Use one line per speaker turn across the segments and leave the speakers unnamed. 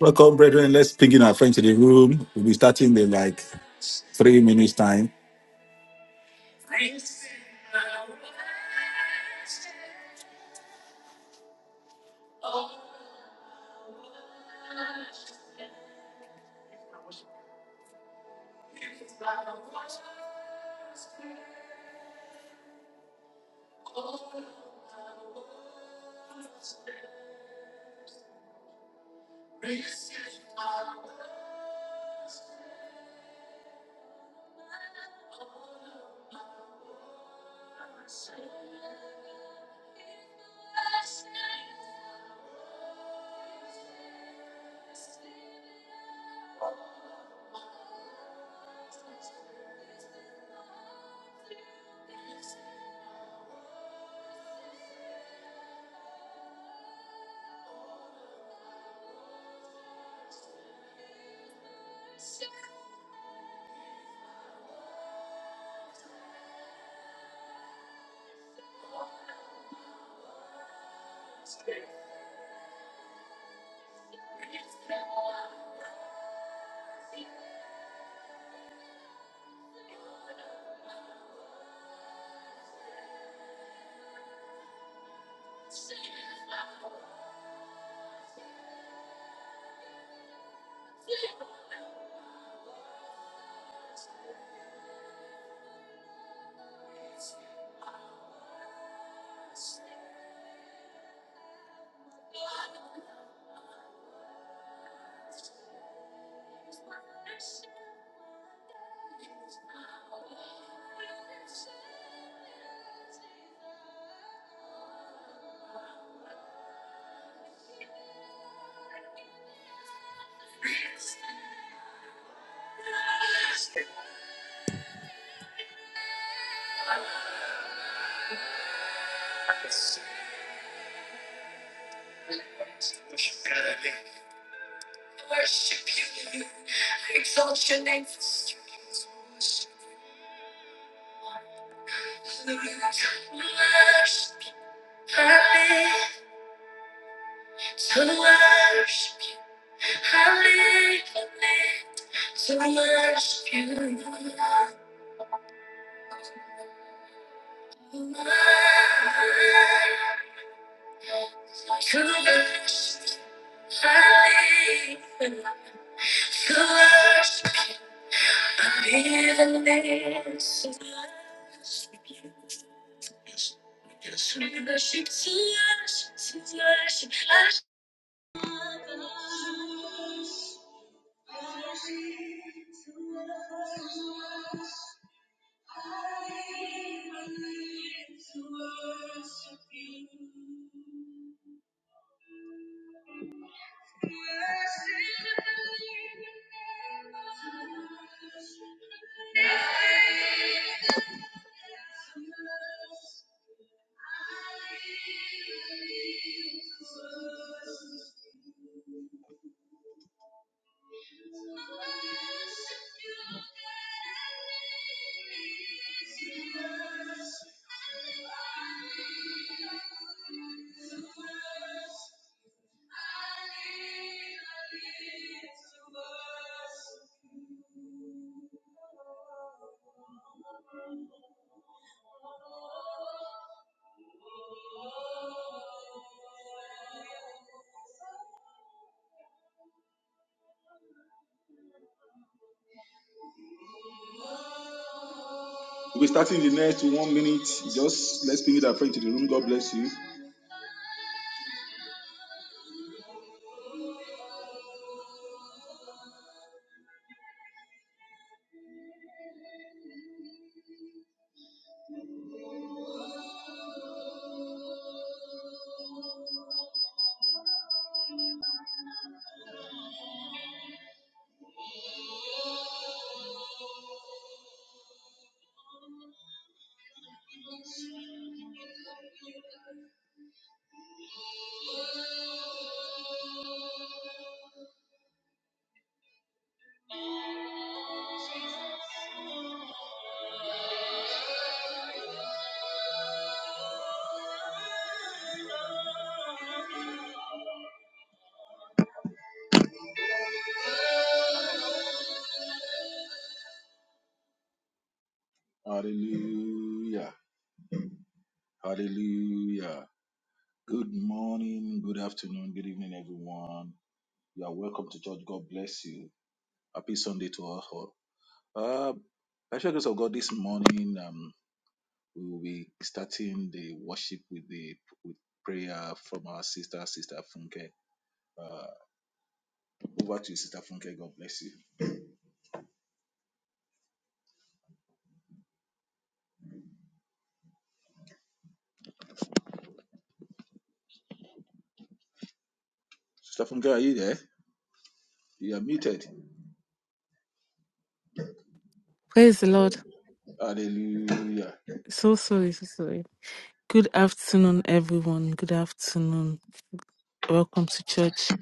Welcome, brethren. Let's bring in our friends to the room. We'll be starting in like three minutes' time.
We'll be starting in the next one minute. Just let's bring it and pray to the room. God bless you. Hallelujah. Hallelujah. Good morning, good afternoon, good evening, everyone. You are welcome to church. God bless you. Happy Sunday to us all. Uh, by the grace of God, this morning um, we will be starting the worship with the with prayer from our sister, Sister Funke. Uh, over to you, Sister Funke. God bless you. Sister Funke, are you there? You are muted.
Praise the Lord.
Hallelujah.
So sorry, so sorry. Good afternoon, everyone. Good afternoon. Welcome to church.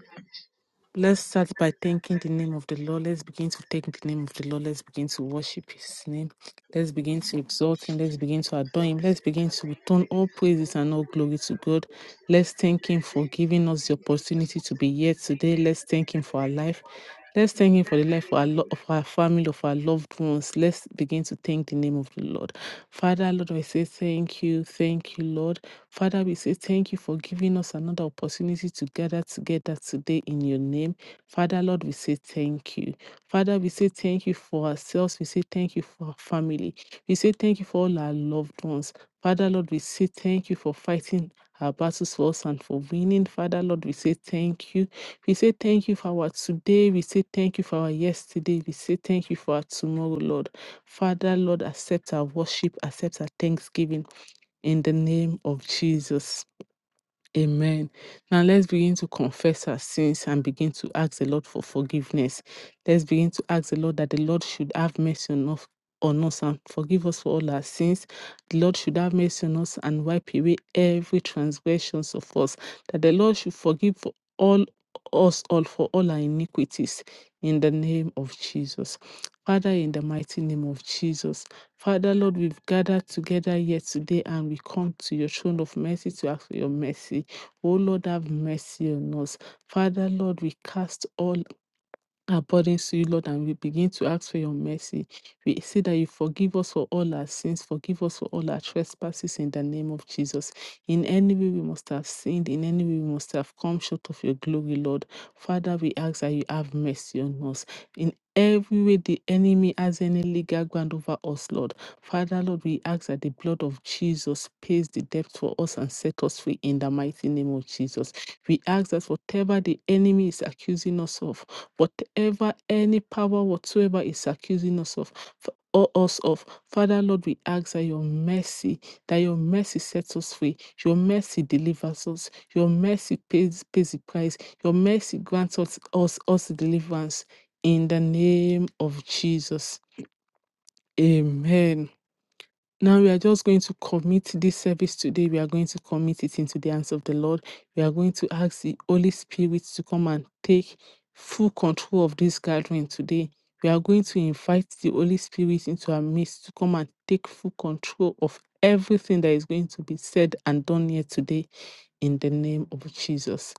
Let's start by thanking the name of the Lord. Let's begin to thank the name of the Lord. Let's begin to worship His name. Let's begin to exalt Him. Let's begin to adore Him. Let's begin to return all praises and all glory to God. Let's thank Him for giving us the opportunity to be here today. Let's thank Him for our life. Let's thank Him for the life of our, lo- of our family, of our loved ones. Let's begin to thank the name of the Lord. Father, Lord, we say thank you. Thank you, Lord. Father, we say thank you for giving us another opportunity to gather together today in your name. Father, Lord, we say thank you. Father, we say thank you for ourselves. We say thank you for our family. We say thank you for all our loved ones. Father, Lord, we say thank you for fighting our battles for us and for winning. Father, Lord, we say thank you. We say thank you for our today. We say thank you for our yesterday. We say thank you for our tomorrow, Lord. Father, Lord, accept our worship, accept our thanksgiving in the name of Jesus. Amen. Now let's begin to confess our sins and begin to ask the Lord for forgiveness. Let's begin to ask the Lord that the Lord should have mercy on us. On us and forgive us for all our sins. The Lord should have mercy on us and wipe away every transgressions of us. That the Lord should forgive for all us all for all our iniquities. In the name of Jesus. Father, in the mighty name of Jesus. Father, Lord, we've gathered together here today and we come to your throne of mercy to ask for your mercy. Oh Lord, have mercy on us. Father, Lord, we cast all our burdens to you, Lord, and we begin to ask for your mercy. We say that you forgive us for all our sins, forgive us for all our trespasses in the name of Jesus. In any way we must have sinned, in any way we must have come short of your glory, Lord. Father, we ask that you have mercy on us. In Every way the enemy has any legal ground over us, Lord. Father, Lord, we ask that the blood of Jesus pays the debt for us and set us free in the mighty name of Jesus. We ask that whatever the enemy is accusing us of, whatever any power whatsoever is accusing us of f- or us of father lord we ask that your mercy that your mercy sets us free your mercy delivers us your mercy pays pays the price your mercy grants us us, us deliverance in the name of jesus amen now we are just going to commit this service today. We are going to commit it into the hands of the Lord. We are going to ask the Holy Spirit to come and take full control of this gathering today. We are going to invite the Holy Spirit into our midst to come and take full control of everything that is going to be said and done here today in the name of Jesus.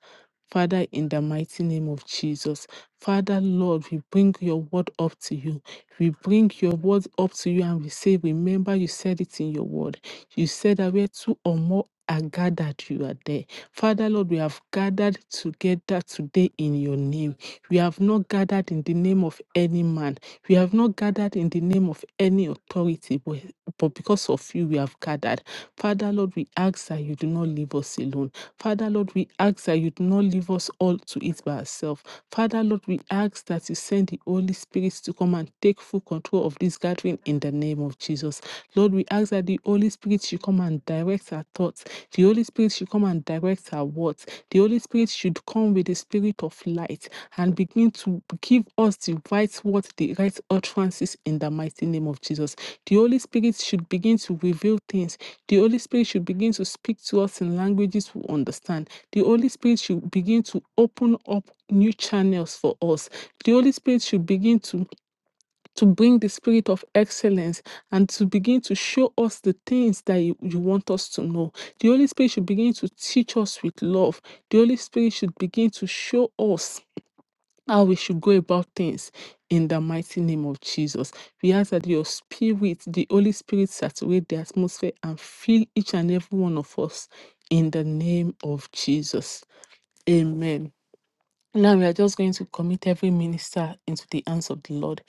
Father, in the mighty name of Jesus, Father, Lord, we bring your word up to you. We bring your word up to you and we say, Remember, you said it in your word. You said that where two or more are gathered, you are there. Father, Lord, we have gathered together today in your name. We have not gathered in the name of any man. We have not gathered in the name of any authority, but, but because of you, we have gathered. Father, Lord, we ask that you do not leave us alone. Father Lord, we ask that you'd not leave us all to it by ourselves. Father Lord, we ask that you send the Holy Spirit to come and take full control of this gathering in the name of Jesus. Lord, we ask that the Holy Spirit should come and direct our thoughts. The Holy Spirit should come and direct our words. The Holy Spirit should come with the spirit of light and begin to give Give us the right words, the right utterances in the mighty name of Jesus. The Holy Spirit should begin to reveal things. The Holy Spirit should begin to speak to us in languages we understand. The Holy Spirit should begin to open up new channels for us. The Holy Spirit should begin to, to bring the spirit of excellence and to begin to show us the things that you, you want us to know. The Holy Spirit should begin to teach us with love. The Holy Spirit should begin to show us how we should go about things in the mighty name of Jesus. We ask that your spirit, the Holy Spirit, saturate the atmosphere and fill each and every one of us in the name of Jesus. Amen. Now we are just going to commit every minister into the hands of the Lord.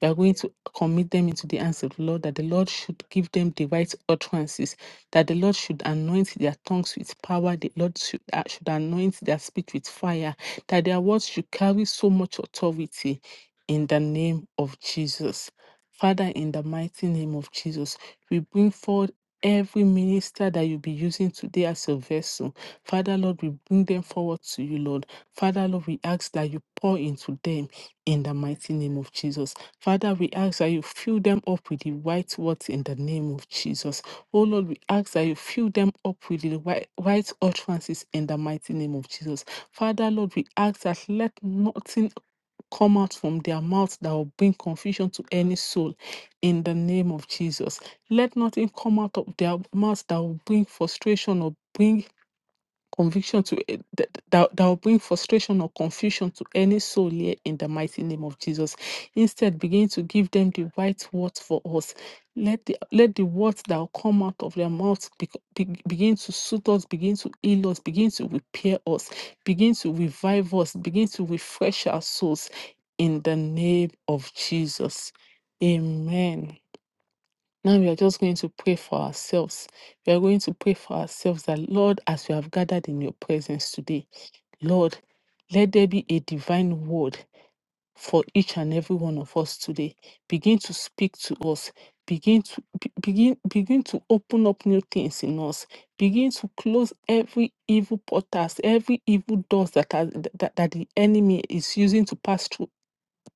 We are going to commit them into the hands of the Lord, that the Lord should give them the right utterances, that the Lord should anoint their tongues with power, the Lord should, uh, should anoint their speech with fire, that their words should carry so much authority in the name of Jesus. Father, in the mighty name of Jesus, we bring forward every minister that you'll be using today as a vessel. Father, Lord, we bring them forward to you, Lord. Father, Lord, we ask that you pour into them in the mighty name of Jesus. Father, we ask that you fill them up with the white words in the name of Jesus. Oh Lord, we ask that you fill them up with the white, white utterances in the mighty name of Jesus. Father, Lord, we ask that let nothing come out from their mouth that will bring confusion to any soul in the name of Jesus. Let nothing come out of their mouth that will bring frustration or bring Conviction to eh, that that that will bring frustration or confusion to any soul here in the mighty name of Jesus. Instead, begin to give them the right words for us. Let the let the words that will come out of their mouths be, be- begin to suit us, begin to heal us, begin to repair us, begin to revive us, begin to refresh our souls in the name of Jesus. Amen. Now we are just going to pray for ourselves. We are going to pray for ourselves that, Lord, as we have gathered in your presence today, Lord, let there be a divine word for each and every one of us today. Begin to speak to us. Begin to be- begin begin to open up new things in us. Begin to close every evil portals, every evil doors that, has, that that the enemy is using to pass through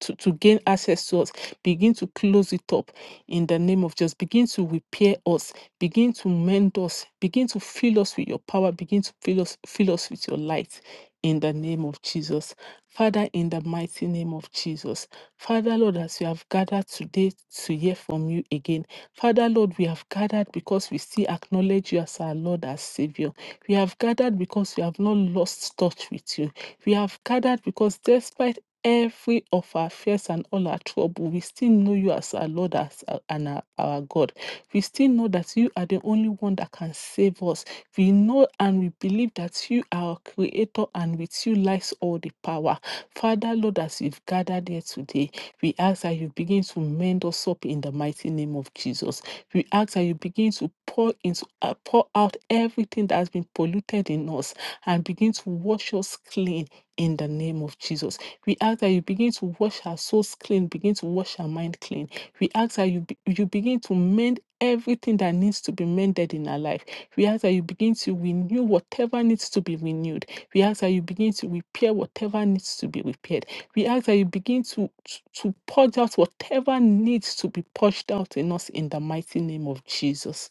to, to gain access to us. Begin to close it up in the name of Jesus. Begin to repair us. Begin to mend us. Begin to fill us with your power. Begin to fill us, fill us with your light in the name of Jesus. Father, in the mighty name of Jesus. Father, Lord, as we have gathered today to hear from you again, Father, Lord, we have gathered because we still acknowledge you as our Lord, as Savior. We have gathered because we have not lost touch with you. We have gathered because despite every of our fears and all our trouble, we still know you as our Lord as our- and our, our God. We still know that you are the only one that can save us. We know and we believe that you are our creator and with you lies all the power. Father, Lord, as we've gathered here today, we ask that you begin to mend us up in the mighty name of Jesus. We ask that you begin to pour into uh, pour out everything that has been polluted in us and begin to wash us clean in the name of Jesus. We ask that you begin to wash our souls clean, begin to wash our mind clean. We ask that you, be- you begin to mend everything that needs to be mended in our life. We ask that you begin to renew whatever needs to be renewed. We ask that you begin to repair whatever needs to be repaired. We ask that you begin to, to, to purge out whatever needs to be purged out in us in the mighty name of Jesus.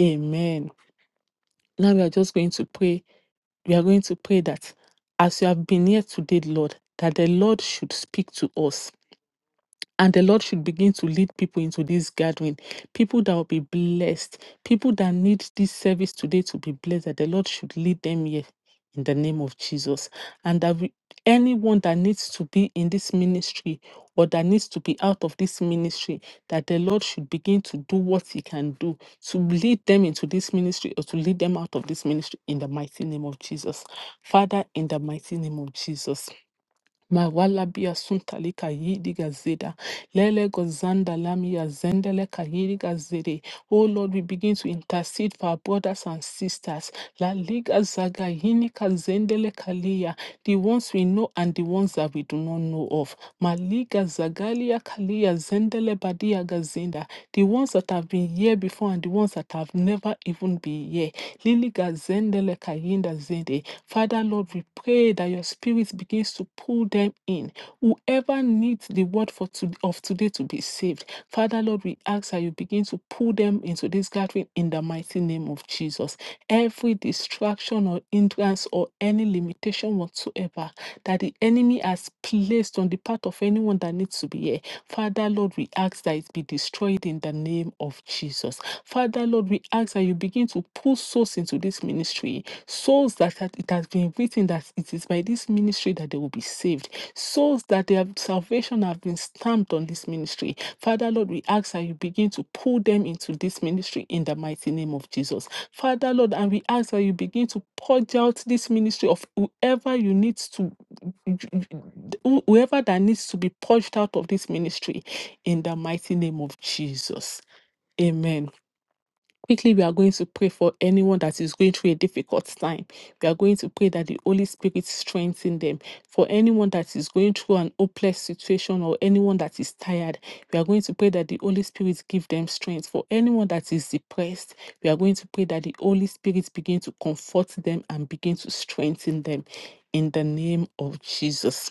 Amen. Now we are just going to pray we are going to pray that as you have been here today, Lord, that the Lord should speak to us and the Lord should begin to lead people into this gathering, people that will be blessed, people that need this service today to be blessed, that the Lord should lead them here in the name of Jesus. And that we, anyone that needs to be in this ministry or that needs to be out of this ministry, that the Lord should begin to do what He can do to lead them into this ministry or to lead them out of this ministry in the mighty name of Jesus. Father, in the mighty name of Jesus. Mawala bia suntali kayidi gazeda. Lele gozanda lami ya zendele kayidi gazede. Oh Lord, we begin to intercede for our brothers and sisters. La liga zaga yini kazendele kalia. The ones we know and the ones that we do not know of. Maliga zagalia kalia zendele badia gazenda. The ones that have been here before and the ones that have never even been here. Lili Gazendele Kayinda Zende. Father Lord, we pray that your spirit begins to pull them in. Whoever needs the word for to, of today to be saved, Father Lord, we ask that you begin to pull them into this gathering in the mighty name of Jesus. Every distraction or hindrance or any limitation whatsoever that the enemy has placed on the part of anyone that needs to be here, Father Lord, we ask that it lies be destroyed in the name of Jesus. Father, Lord, we ask that you begin to pull souls into this ministry, souls that had- it has been written that it is by this ministry that they will be saved, souls that their salvation have been stamped on this ministry. Father, Lord, we ask that you begin to pull them into this ministry in the mighty name of Jesus. Father, Lord, and we ask that you begin to purge out this ministry of whoever you need to J- who- whoever that needs to be purged out of this ministry in the mighty name of Jesus. Amen. Quickly, we are going to pray for anyone that is going through a difficult time. We are going to pray that the Holy Spirit strengthen them. For anyone that is going through an hopeless situation or anyone that is tired, we are going to pray that the Holy Spirit give them strength. For anyone that is depressed, we are going to pray that the Holy Spirit begin to comfort them and begin to strengthen them in the name of Jesus.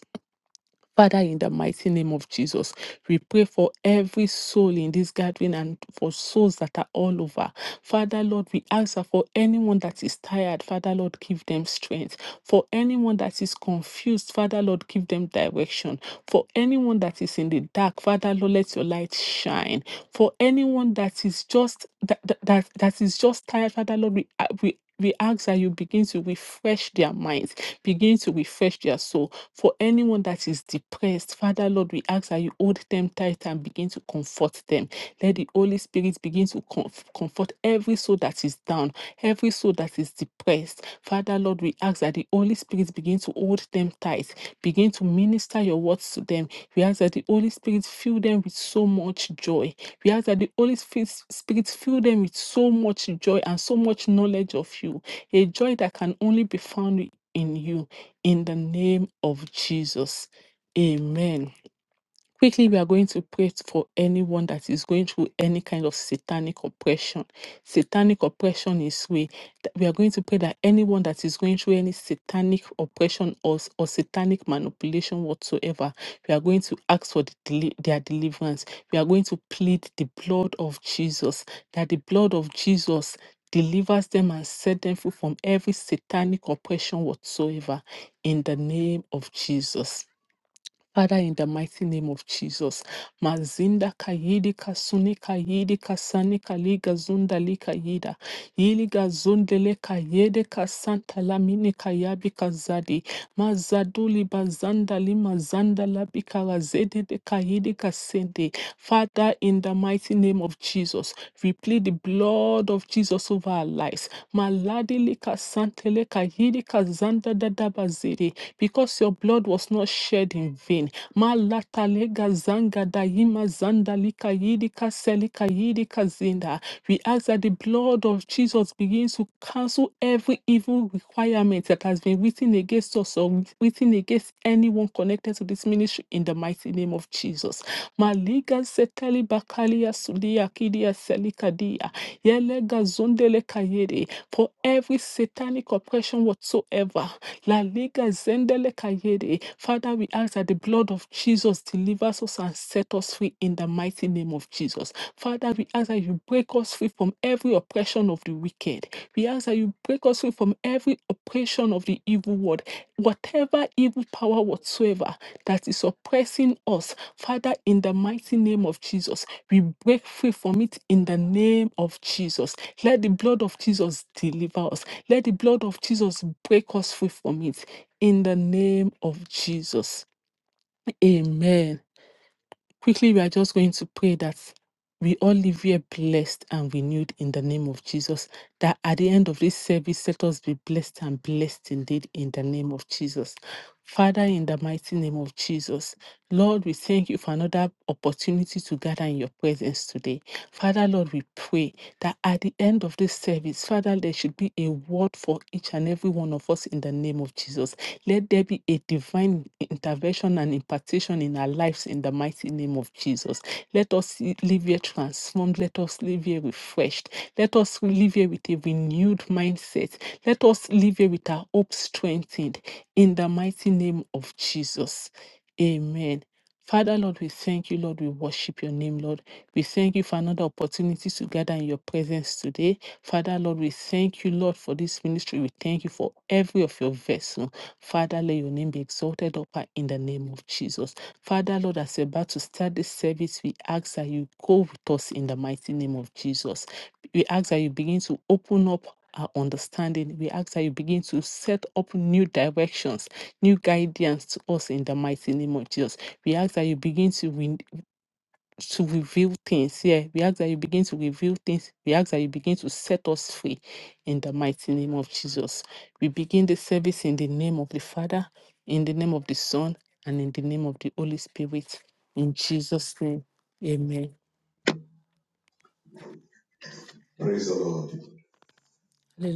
Father, in the mighty name of Jesus, we pray for every soul in this gathering and for souls that are all over. Father, Lord, we ask that for anyone that is tired, Father, Lord, give them strength. For anyone that is confused, Father, Lord, give them direction. For anyone that is in the dark, Father, Lord, let your light shine. For anyone that is just that that, that that is just tired, Father, Lord, we, uh, we we ask that you begin to refresh their minds, begin to refresh their soul. For anyone that is depressed, Father Lord, we ask that you hold them tight and begin to comfort them. Let the Holy Spirit begin to comf- comfort every soul that is down, every soul that is depressed. Father Lord, we ask that the Holy Spirit begin to hold them tight, begin to minister your words to them. We ask that the Holy Spirit fill them with so much joy. We ask that the Holy Spirit Spirit fill them with so much joy and so much knowledge of you, a joy that can only be found in you, in the name of Jesus. Amen. Quickly, we are going to pray for anyone that is going through any kind of satanic oppression. Satanic oppression is way. that We are going to pray that anyone that is going through any satanic oppression or, s- or satanic manipulation whatsoever, we are going to ask for the deli- their deliverance. We are going to plead the blood of Jesus, that the blood of Jesus delivers them and set them free from every satanic oppression whatsoever in the name of Jesus. Father, in the mighty name of Jesus, Mazinda Kayidi Kasuni Kayidi Kasani Kaliga Zunda Lika Yida, Yiliga Zundele Kayede Kasanta Lamini Kayabi Kazadi, Mazaduli Bazanda Lima Zanda Labika Razede de Kayidi Kasende. Father, in the mighty name of Jesus, we plead the blood of Jesus over our lives. Maladi Lika Santele Kayidi Kazanda Dadabazede, because your blood was not shed in vain. Malatalega zanga daima zanda lika yidi kaselika yidi kazinda. We ask that the blood of Jesus begins to cancel every evil requirement that has been written against us or written against anyone connected to this ministry in the mighty name of Jesus. Maliga seteli bakalia sudia kidia selika dia. Yelega zundele kayede. For every satanic oppression whatsoever. La Liga Zendele Kayede. Father, we ask thanks that the blood of Jesus delivers us and set us free in the mighty name of Jesus. Father, we ask that you break us free from every oppression of the wicked. We ask that you break us free from every oppression of the evil world, whatever evil power whatsoever that is oppressing us. Father, in the mighty name of Jesus, we break free from it in the name of Jesus. Let the blood of Jesus deliver us. Let the blood of Jesus break us free from it in the name of Jesus. Amen. Quickly, we are just going to pray that we all live here blessed and renewed in the name of Jesus. That at the end of this service, let us be blessed and blessed indeed in the name of Jesus. Father, in the mighty name of Jesus, Lord, we thank you for another opportunity to gather in your presence today. Father, Lord, we pray that at the end of this service, Father, Father, there should be a word for each and every one of us in the name of Jesus. Let there be a divine intervention and impartation in our lives in the mighty name of Jesus. Let us live here transformed. Let us live here refreshed. Let us live here with a renewed mindset. Let us live here with our hope strengthened in the mighty name of Jesus. Amen. Father, Lord, we thank you, Lord. We worship your name, Lord. We thank you for another opportunity to gather in your presence today. Father, Lord, we thank you, Lord, for this ministry. We thank you for every of your vessel. Father, let your name be exalted up high in the name of Jesus. Father, Lord, as we're about to start this service, we ask that you go with us in the mighty name of Jesus. We ask that you begin to open up our understanding. We ask that you begin to set up new directions new guidance to us in the mighty name of Jesus. We ask that you begin to win to reveal things. Yeah, we ask that you begin to reveal things. We ask that you begin to set us free in the mighty name of Jesus. We begin the service in the name of the Father, in the name of the Son, and in the name of the Holy Spirit. In Jesus' name, Amen.
Praise the Lord.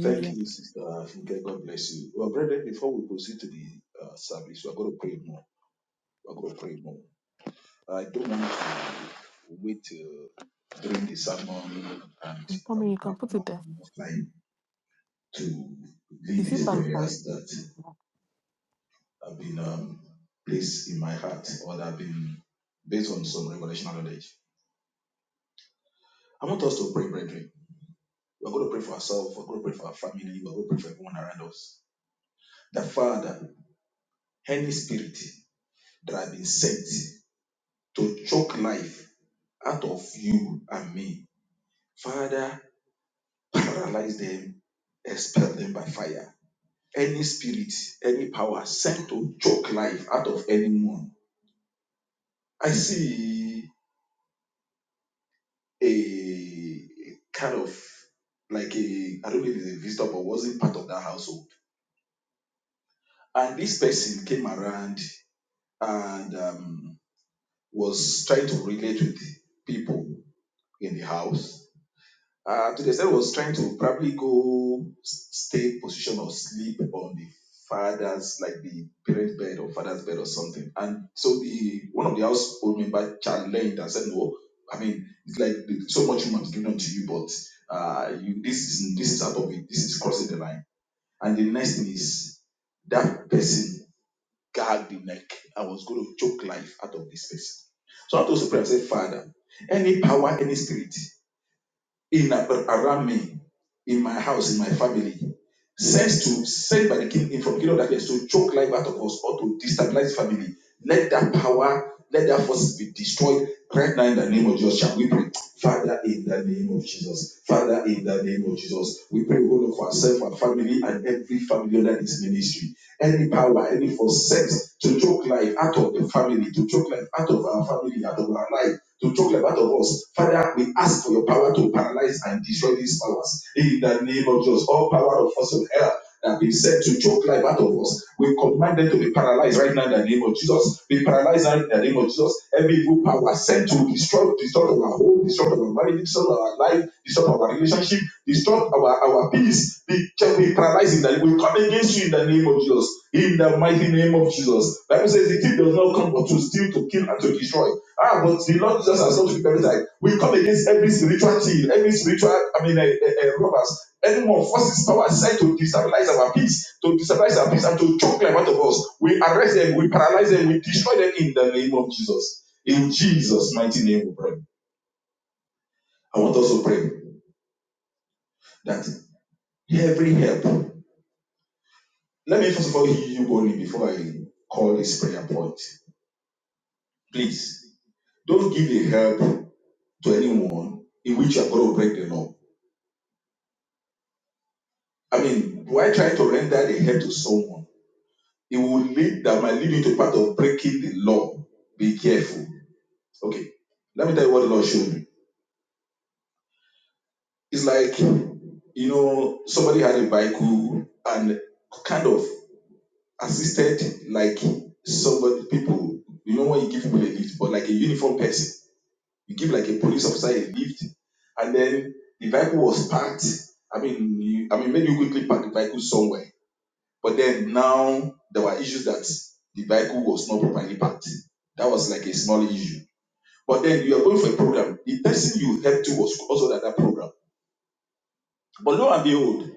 Thank you, Sister Funke. God bless you. Well, brethren, before we proceed to the uh, service, we're going to pray more. We're going to pray more. I don't want to wait till during the sermon, and
You
I
come in,
will
you can
probably
put it
not have
there.
enough time to lead
Is it
these
back from
prayers
me?
that have been um, placed in my heart or that have been based on some revelational knowledge. I want us to pray, brethren. We're going to pray for ourselves, we're going to pray for our family, we're going to pray for everyone around us. That Father, any spirit that have been set to choke life out of you and me. Father, paralyze them, expel them by fire. Any spirit, any power sent to choke life out of anyone. I see a kind of like a, I don't know if it's a visitor, but wasn't part of that household. And this person came around and um, was trying to relate with people in the house Uh, to the extent he was trying to probably go s- stay position or sleep on the father's, like the parent bed or father's bed or something. And so the one of the household member challenged and said, "No, I mean, it's like the- so much human is given unto you, but uh, you this is this is above it. This is crossing the line." And the next thing is that person gagged the neck. I was going to choke life out of this person. So I had to also pray and say, "Father, any power, any spirit." in my around me, in my house, in my family, sent to sent by the king in from kingdom of darkness to choke life out of us or to destabilize family. Let that power, let that force be destroyed right now in the name of Jesus. Shall we pray? Father, in the name of Jesus. Father, in the name of Jesus. We pray all of ourselves, our family, and every family under this ministry. Any power, any force sent to choke life out of the family, to choke life out of our family, out of our life, to choke life out of us. Father, we ask for your power to to paralyze and destroy these powers. In the name of Jesus, all power of force of hell that have been set to choke life out of us, we command them to be paralyzed right now in the name of Jesus. Be paralyzed right in the name of Jesus. Every evil power sent to destroy, destroy our home, destroy our marriage, destroy our life, destroy our relationship, destroy our, our peace. Be, be paralyzed in the name. We come against you in the name of Jesus. In the mighty name of Jesus. Bible says the thief does not come but to steal, to kill, and to destroy. Ah, but the Lord Jesus has told the people every time we come against every spiritual thing, every spiritual, I mean, uh, uh, uh, robbers, any more forces, power set to destabilize our peace, to destabilize our peace, and to choke them out of us. We arrest them, we paralyze them, we destroy them in the name of Jesus. In Jesus' mighty name, we pray. I want us to pray that every help. Let me first of all hear you only before I call this prayer point. Please don't give a help to anyone in which you are going to break the law I mean, why try to render the help to someone? It will lead that might lead you to part of breaking the law. Be careful. Okay, let me tell you what the Lord showed me. It's like, you know, somebody had a bicycle and kind of assisted like somebody people. You know when you give people a lift, but like a uniform person, you give like a police officer a lift, and then the vehicle was parked. I mean, you, I mean, maybe you quickly park the vehicle somewhere But then now there were issues that the vehicle was not properly parked. That was like a small issue. But then you are going for a program. The person you helped to was also at that program. But lo and behold,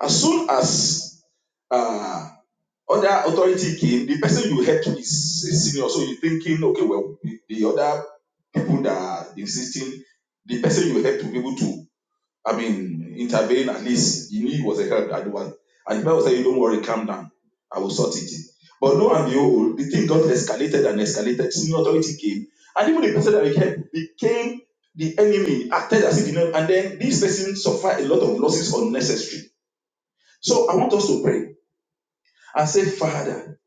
as soon as uh, other authority came, the person you helped to is a senior. So you're thinking, okay, well, the the other people that are insisting, the person you helped to be able to I mean, intervene at least. He knew it was a help that was. And the Bible said, "You don't worry, calm down. I will sort it." But lo and behold, the thing got escalated and escalated. Senior authority came, and even the person that we helped became the enemy, acted as if you know, and then this person suffered a lot of losses unnecessary. So I want us to pray and say, Father,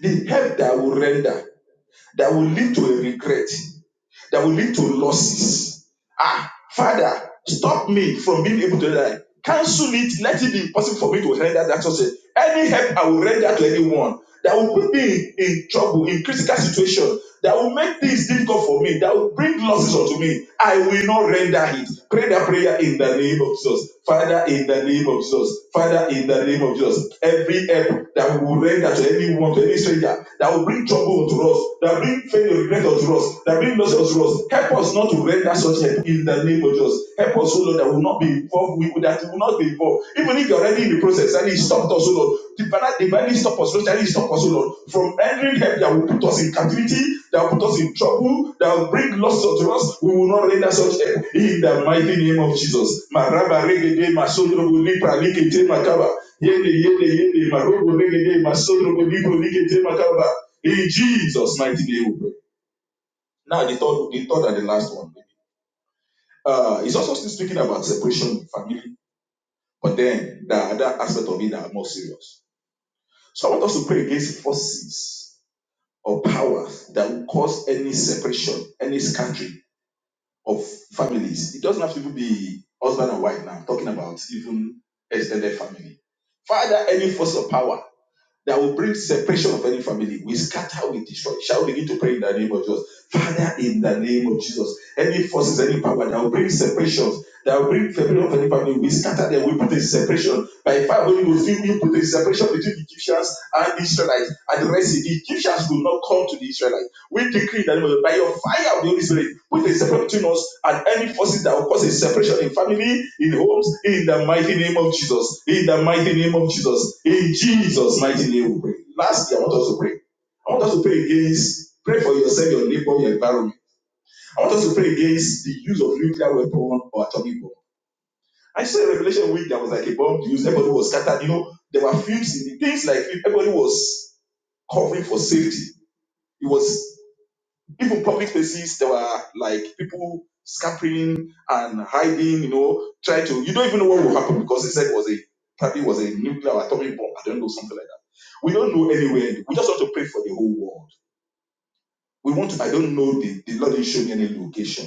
the help that I will render, that will lead to a regret, that will lead to losses. Ah, Father, stop me from being able to die. cancel it, let it be impossible for me to render that success. Any help I will render to anyone that will put me in, in trouble, in critical situation, that will make things difficult for me, that will bring losses unto me, I will not render it. Pray that prayer in the name of Jesus. Father, in the name of Jesus. Father, in the name of Jesus. Every help that we will render to anyone, to any stranger, that will bring trouble unto us, that will bring failure, regret unto us, that will bring losses unto us, help us not to render such in the name of Jesus. Help us, oh Lord, that we will not be involved, we would that we will not be involved. Even if you're already in the process and it stopped us, oh Lord, The divinely stop us, spiritually stop us, oh Lord, from entering help that will put us in captivity, that will put us in trouble, that will bring loss unto us. We will not render such help in the mighty name of Jesus. Maraba regede masodrobo lipra likete makaba. Yele yele yele marobo regede masodrobo lipro likete makaba. In Jesus' mighty name. we pray. Now the third, the third and the last one. Uh, he's also still speaking about separation, family, but then the other aspect of it that are more serious. So I want us to pray against forces or powers that will cause any separation, any scattering of families. It doesn't have to even be husband and wife now. I'm talking about even extended family. Father, any force of power that will bring separation of any family. We scatter, we destroy. Shall we begin to pray in the name of Jesus? Father, in the name of Jesus, any forces, any power that will bring separations, that will bring separation of any family, we scatter them, we put a separation. By fire, Holy Ghost, you you put a separation between Egyptians and Israelites and mercy, the Egyptians will not come to the Israelites. We decree that by your fire of the Holy Spirit, put a separate between us and any forces that will cause a separation in family, in homes, in the mighty name of Jesus. In the mighty name of Jesus. In Jesus' mighty name we pray. Lastly, I want us to pray. I want us to pray against, pray for yourself, your neighbor, your environment. I want us to pray against the use of nuclear weapon or atomic bomb. I saw a revelation week that was like a bomb used, everybody was scattered, you know, there were films in the things like everybody was covering for safety it was even public spaces there were like people scampering and hiding, you know, trying to you don't even know what will happen because they said it was a probably was a nuclear or atomic bomb. I don't know, something like that. We don't know anywhere. We just want to pray for the whole world. We want to, I don't know the, the Lord didn't show me any location.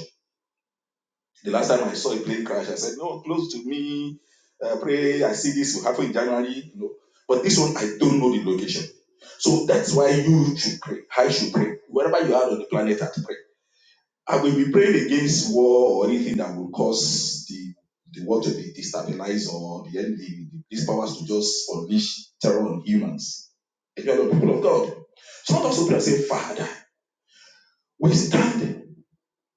The last time I saw a plane crash, I said, No, close to me, uh, pray, I see this will happen in January. You know. But this one I don't know the location. So that's why you should pray. I should pray. Wherever you are on the planet at I will be praying against war or anything that will cause the the world to be destabilized or the enemy, these powers to just unleash terror on humans. If you are the people of God, so let us open and say, Father, we stand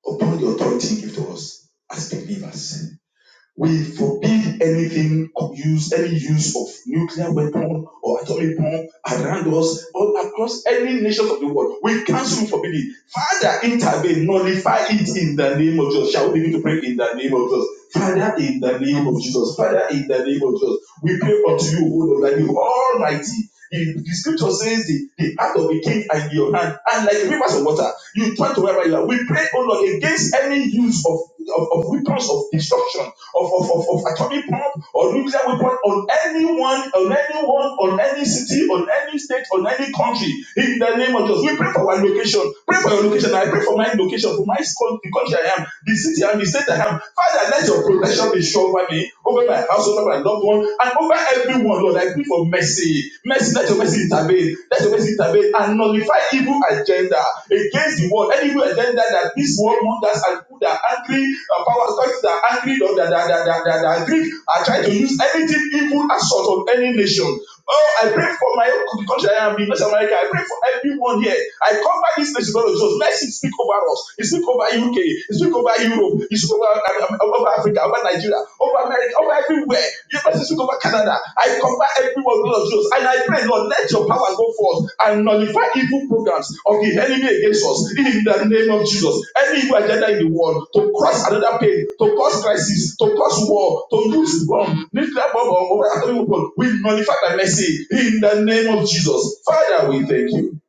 upon the authority you give to us as believers. We forbid anything of use, any use of nuclear weapon or atomic bomb around us or across any nation of the world. We cancel, forbid it. Father, intervene, nullify it in the name of Jesus. Shall we begin to pray in the name of Jesus? Father, in the name of Jesus. Father, in the name of Jesus. We pray unto you, O Lord, that you almighty. The, the scripture says the, the act of the king and your hand, and like rivers of water, you turn to wherever you are. We pray, O Lord, against any use of of, of weapons of destruction, of, of, of, of atomic bomb or nuclear weapon on anyone, on anyone, on any city, on any state, on any country. In the name of Jesus, we pray for our location. Pray for your location. I pray for my location, for my school, the country I am, the city I am, the state I am. Father, let your protection be sure over me, over my house, over my loved one, and over everyone, Lord. I pray for mercy. Mercy, let your mercy intervene intervene. Let the ways intervene and nullify evil agenda against the world. Any evil agenda that this world wonders and who are angry, uh, power authorities that are angry, or that, that, that, that, are angry, are trying to use anything evil assault on any nation. Oh, I pray for my own country. I am in North America. I pray for everyone here. I cover this nation, Lord of Jesus. Mercy speak over us. It speak over UK. It speak over Europe. It speak over, um, over Africa, over Nigeria, over America, over everywhere. Universities over Canada. I cover every one of those. And I pray, Lord, let your power go forth and nullify evil programs of the enemy against us in the name of Jesus. Any evil agenda in the world to cause another pain, to cause crisis, to cause war, to use bomb, nuclear bomb, or or atomic weapon, we nullify by mercy in the name of Jesus. Father, we thank you.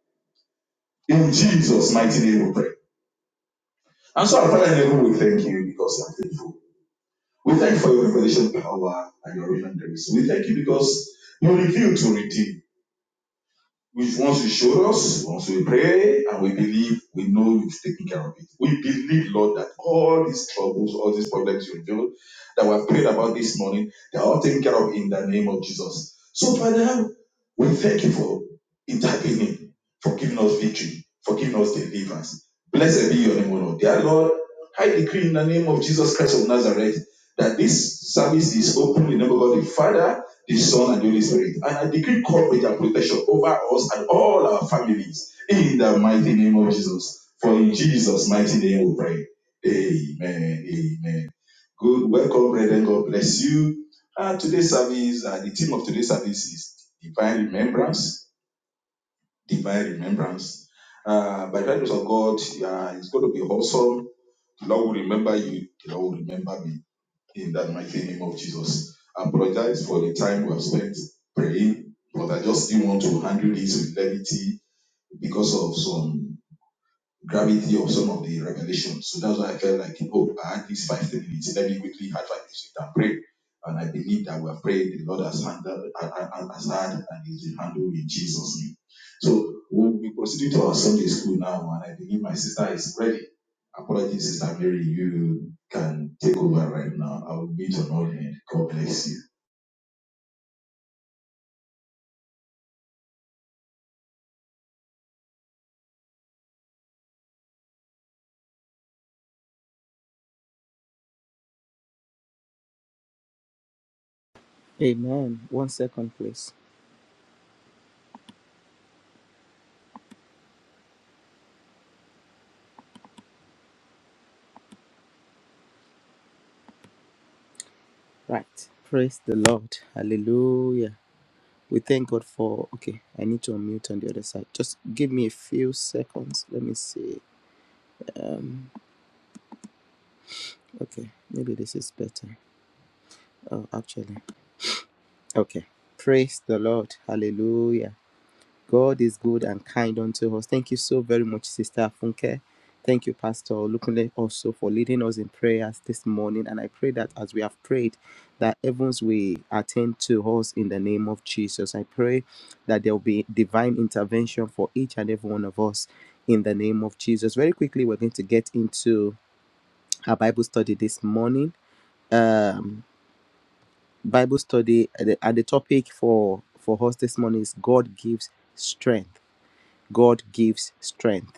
In Jesus' mighty name we pray. And so, Father, in heaven, we thank you because you are faithful. We thank you for your revelation power and your revelation grace. We thank you because you reveal to redeem which once you showed us, once we pray and we believe, we know you've taken care of it. We believe, Lord, that all these troubles, all these problems you revealed that we have prayed about this morning, they are all taken care of in the name of Jesus. So, Father, we thank you for intervening, for giving us victory, for giving us deliverance. Blessed be your name, O Lord. Dear Lord, I decree in the name of Jesus Christ of Nazareth that this service is open in the name of God the Father the Son, and the Holy Spirit. And I decree coverage and protection over us and all our families in the mighty name of Jesus. For in Jesus' mighty name we pray. Amen. Amen. Good. Welcome, brethren. God bless you. Uh, today's service, uh, the theme of today's service is divine remembrance. Divine remembrance. Uh, by the grace of God, uh, it's going to be awesome. The Lord will remember you. The Lord will remember me in the mighty name of Jesus. I apologize for the time we have spent praying, but I just didn't want to handle this with levity because of some gravity of some of the revelations. So that's why I felt like, oh, I had these five, ten minutes. Let me quickly had five minutes to pray. And I believe that we have prayed, the Lord has handled, has had, and is in in Jesus' name. So we'll be proceeding to our Sunday school now, and I believe my sister is ready. Apologies, Sister Mary, you can take over right now. I will meet on all end. God bless you.
Amen. One second, please. Right. Praise the Lord. Hallelujah. We thank God for. Okay, I need to unmute on the other side. Just give me a few seconds. Let me see. Um. Okay. Maybe this is better. Oh, actually. Okay. Praise the Lord. Hallelujah. God is good and kind unto us. Thank you so very much, Sister Funke. Thank you, Pastor Lukunle, also for leading us in prayers this morning. And I pray that as we have prayed, that heavens will attend to us in the name of Jesus. I pray that there will be divine intervention for each and every one of us in the name of Jesus. Very quickly, we're going to get into our Bible study this morning. Um, Bible study, uh, the, uh, the topic for, for us this morning is God gives strength God gives strength.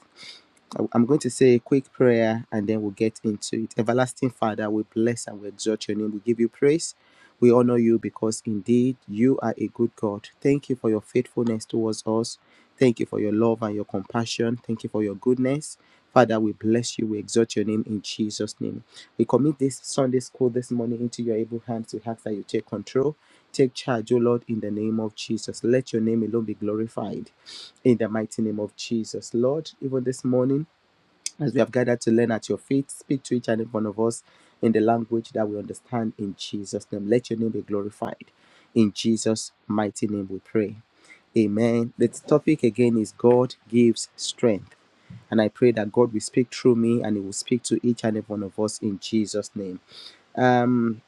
I- I'm going to say a quick prayer and then we'll get into it. Everlasting Father, we bless and we exalt your name. We give you praise. We honor you because indeed you are a good God. Thank you for your faithfulness towards us. Thank you for your love and your compassion. Thank you for your goodness. Father, we bless you. We exalt your name in Jesus' name. We commit this Sunday school this morning into your able hands. We ask that you take control. Take charge, O Lord, in the name of Jesus. Let your name alone be glorified in the mighty name of Jesus. Lord, even this morning, as we have gathered to learn at your feet, speak to each and every one of us in the language that we understand in Jesus' name. Let your name be glorified. In Jesus' mighty name we pray. Amen. The topic again is God gives strength. And I pray that God will speak through me and He will speak to each and every one of us in Jesus' name. Um,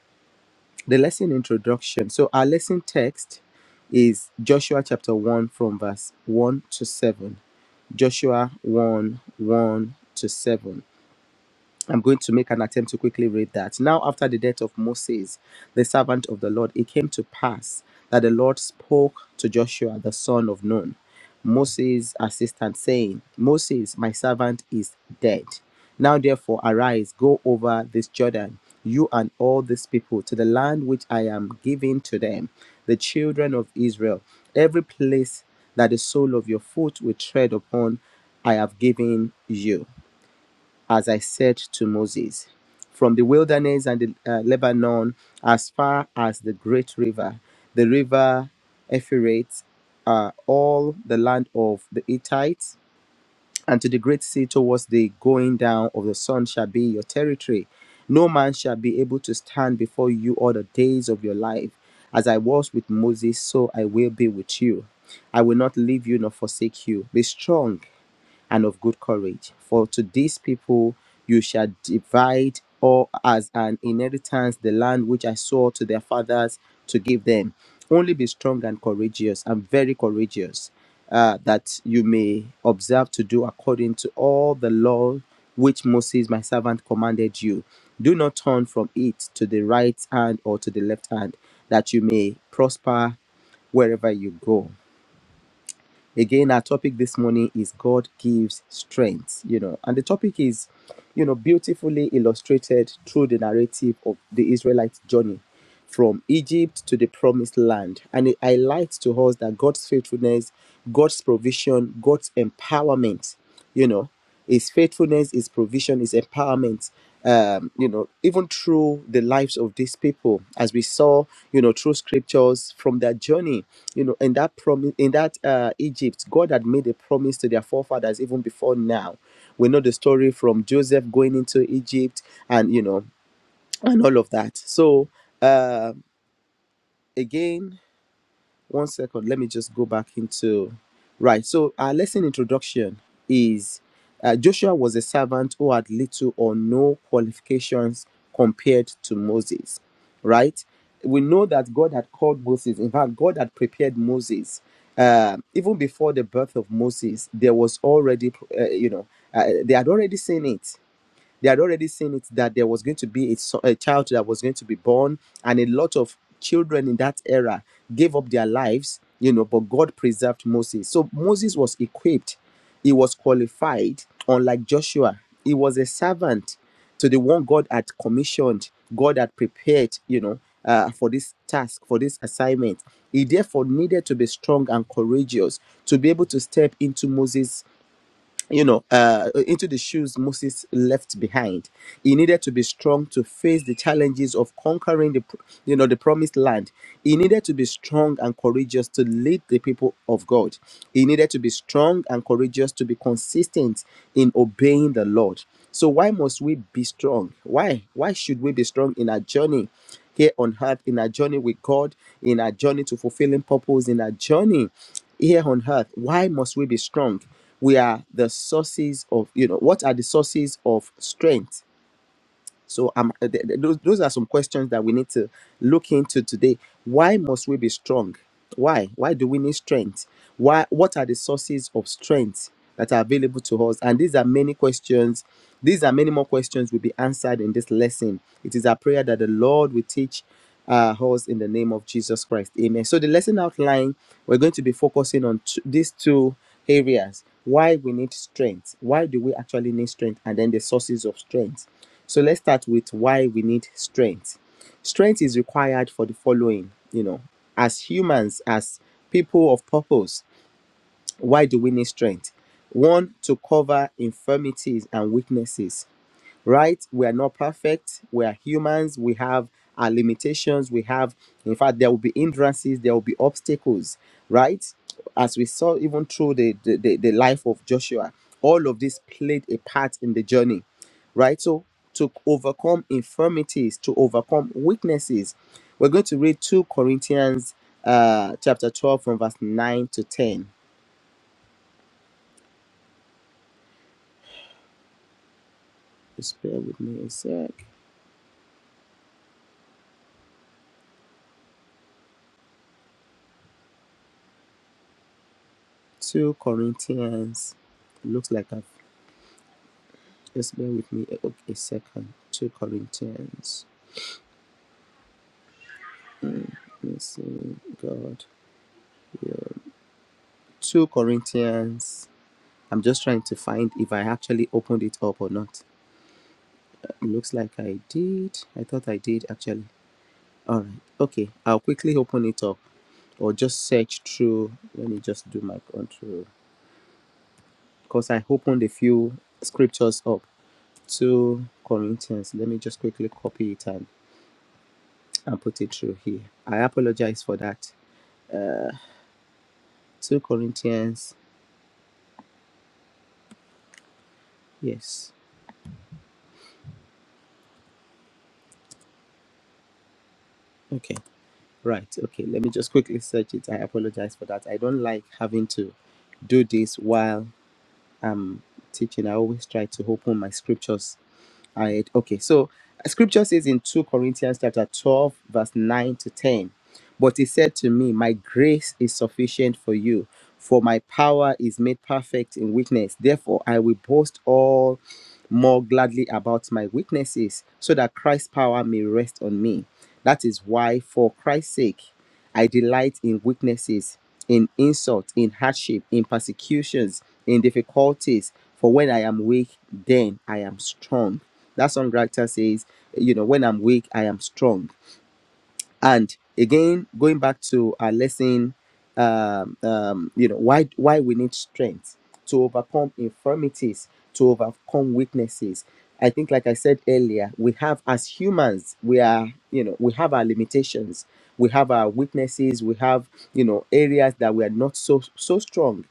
the lesson introduction. So our lesson text is Joshua chapter 1 from verse 1 to 7. Joshua 1 1 to 7 I'm going to make an attempt to quickly read that. Now, after the death of Moses, the servant of the Lord, it came to pass that the Lord spoke to Joshua, the son of Nun, Moses' assistant, saying, Moses, my servant, is dead. Now, therefore, arise, go over this Jordan, you and all these people, to the land which I am giving to them, the children of Israel. Every place that the sole of your foot will tread upon, I have given you as I said to Moses, from the wilderness and the uh, Lebanon as far as the great river, the river Euphrates, uh, all the land of the Hittites, and to the great sea towards the going down of the sun shall be your territory. No man shall be able to stand before you all the days of your life. As I was with Moses, so I will be with you. I will not leave you nor forsake you. Be strong and of good courage. For to these people you shall divide or as an inheritance the land which I swore to their fathers to give them. Only be strong and courageous, and very courageous, uh, that you may observe to do according to all the law which Moses my servant commanded you. Do not turn from it to the right hand or to the left hand, that you may prosper wherever you go. Again, our topic this morning is God gives strength, you know, and the topic is, you know, beautifully illustrated through the narrative of the Israelite journey from Egypt to the promised land. And it highlights to us that God's faithfulness, God's provision, God's empowerment, you know, his faithfulness, his provision, his empowerment, um, you know, even through the lives of these people, as we saw, you know, through scriptures from their journey you know in that promise in that uh, egypt god had made a promise to their forefathers even before now we know the story from joseph going into egypt and you know and all of that so uh, again one second let me just go back into right so our lesson introduction is uh, joshua was a servant who had little or no qualifications compared to moses right we know that god had called moses in fact god had prepared moses uh, even before the birth of moses there was already uh, you know uh, they had already seen it they had already seen it that there was going to be a, so- a child that was going to be born, and a lot of children in that era gave up their lives, you know, but God preserved Moses. So Moses was equipped, he was qualified, unlike Joshua. He was a servant to the one God had commissioned, God had prepared, you know, uh, for this task, for this assignment. He therefore needed to be strong and courageous to be able to step into Moses' you know, uh, into the shoes Moses left behind. He needed to be strong to face the challenges of conquering the, pr- you know, the promised land. He needed to be strong and courageous to lead the people of God. He needed to be strong and courageous to be consistent in obeying the Lord. So why must we be strong? Why? Why should we be strong in our journey? Here on earth, in our journey with God, in our journey to fulfilling purpose, in our journey here on earth, why must we be strong? we are the sources of you know what are the sources of strength so um, uh, th- th- those, those are some questions that we need to look into today. Why must we be strong? Why? Why do we need strength? Why? What are the sources of strength that are available to us? And these are many questions. These are many more questions will be answered in this lesson. It is our prayer that the Lord will teach uh, us in the name of Jesus Christ. Amen. So the lesson outline, we're going to be focusing on t- these two areas. Why we need strength. Why do we actually need strength? And then the sources of strength so let's start with why we need strength. Strength is required for the following, you know, as humans, as people of purpose, why do we need strength? One, to cover infirmities and weaknesses right? We are not perfect. We are humans. We have our limitations. We have, in fact, there will be hindrances, there will be obstacles, right? As we saw even through the, the, the, the life of Joshua, all of this played a part in the journey, right? So, to overcome infirmities, to overcome weaknesses, we're going to read 2 Corinthians uh, chapter 12 from verse 9 to 10. Just bear with me a sec. 2 Corinthians. It looks like I've Just bear with me a, second. 2 Corinthians. Let me see. God. Yeah. 2 Corinthians. I'm just trying to find if I actually opened it up or not. It looks like I did. I thought I did actually. All right. Okay. I'll quickly open it up or just search through. Let me just do my control because I opened a few scriptures up. 2 Corinthians. Let me just quickly copy it and, and put it through here. I apologize for that. 2 Corinthians Yes. Okay. Right. Okay. Let me just quickly search it. I apologize for that. I don't like having to do this while I'm teaching. I always try to open my scriptures All right. Okay. So uh, scripture says in 2 Corinthians chapter 12, verse 9 to 10. But he said to me, My grace is sufficient for you, for my power is made perfect in weakness. Therefore, I will boast all more gladly about my weaknesses, so that Christ's power may rest on me. That is why, for Christ's sake, I delight in weaknesses, in insult, in hardship, in persecutions, in difficulties. For when I am weak, then I am strong. That songwriter says, you know, when I'm weak, I am strong. And again, going back to our lesson, um, um, you know, why why we need strength to overcome infirmities, to overcome weaknesses. I think, like I said earlier, we have as humans, we are, you know, we have our limitations, we have our weaknesses, we have, you know, areas that we are not so so strong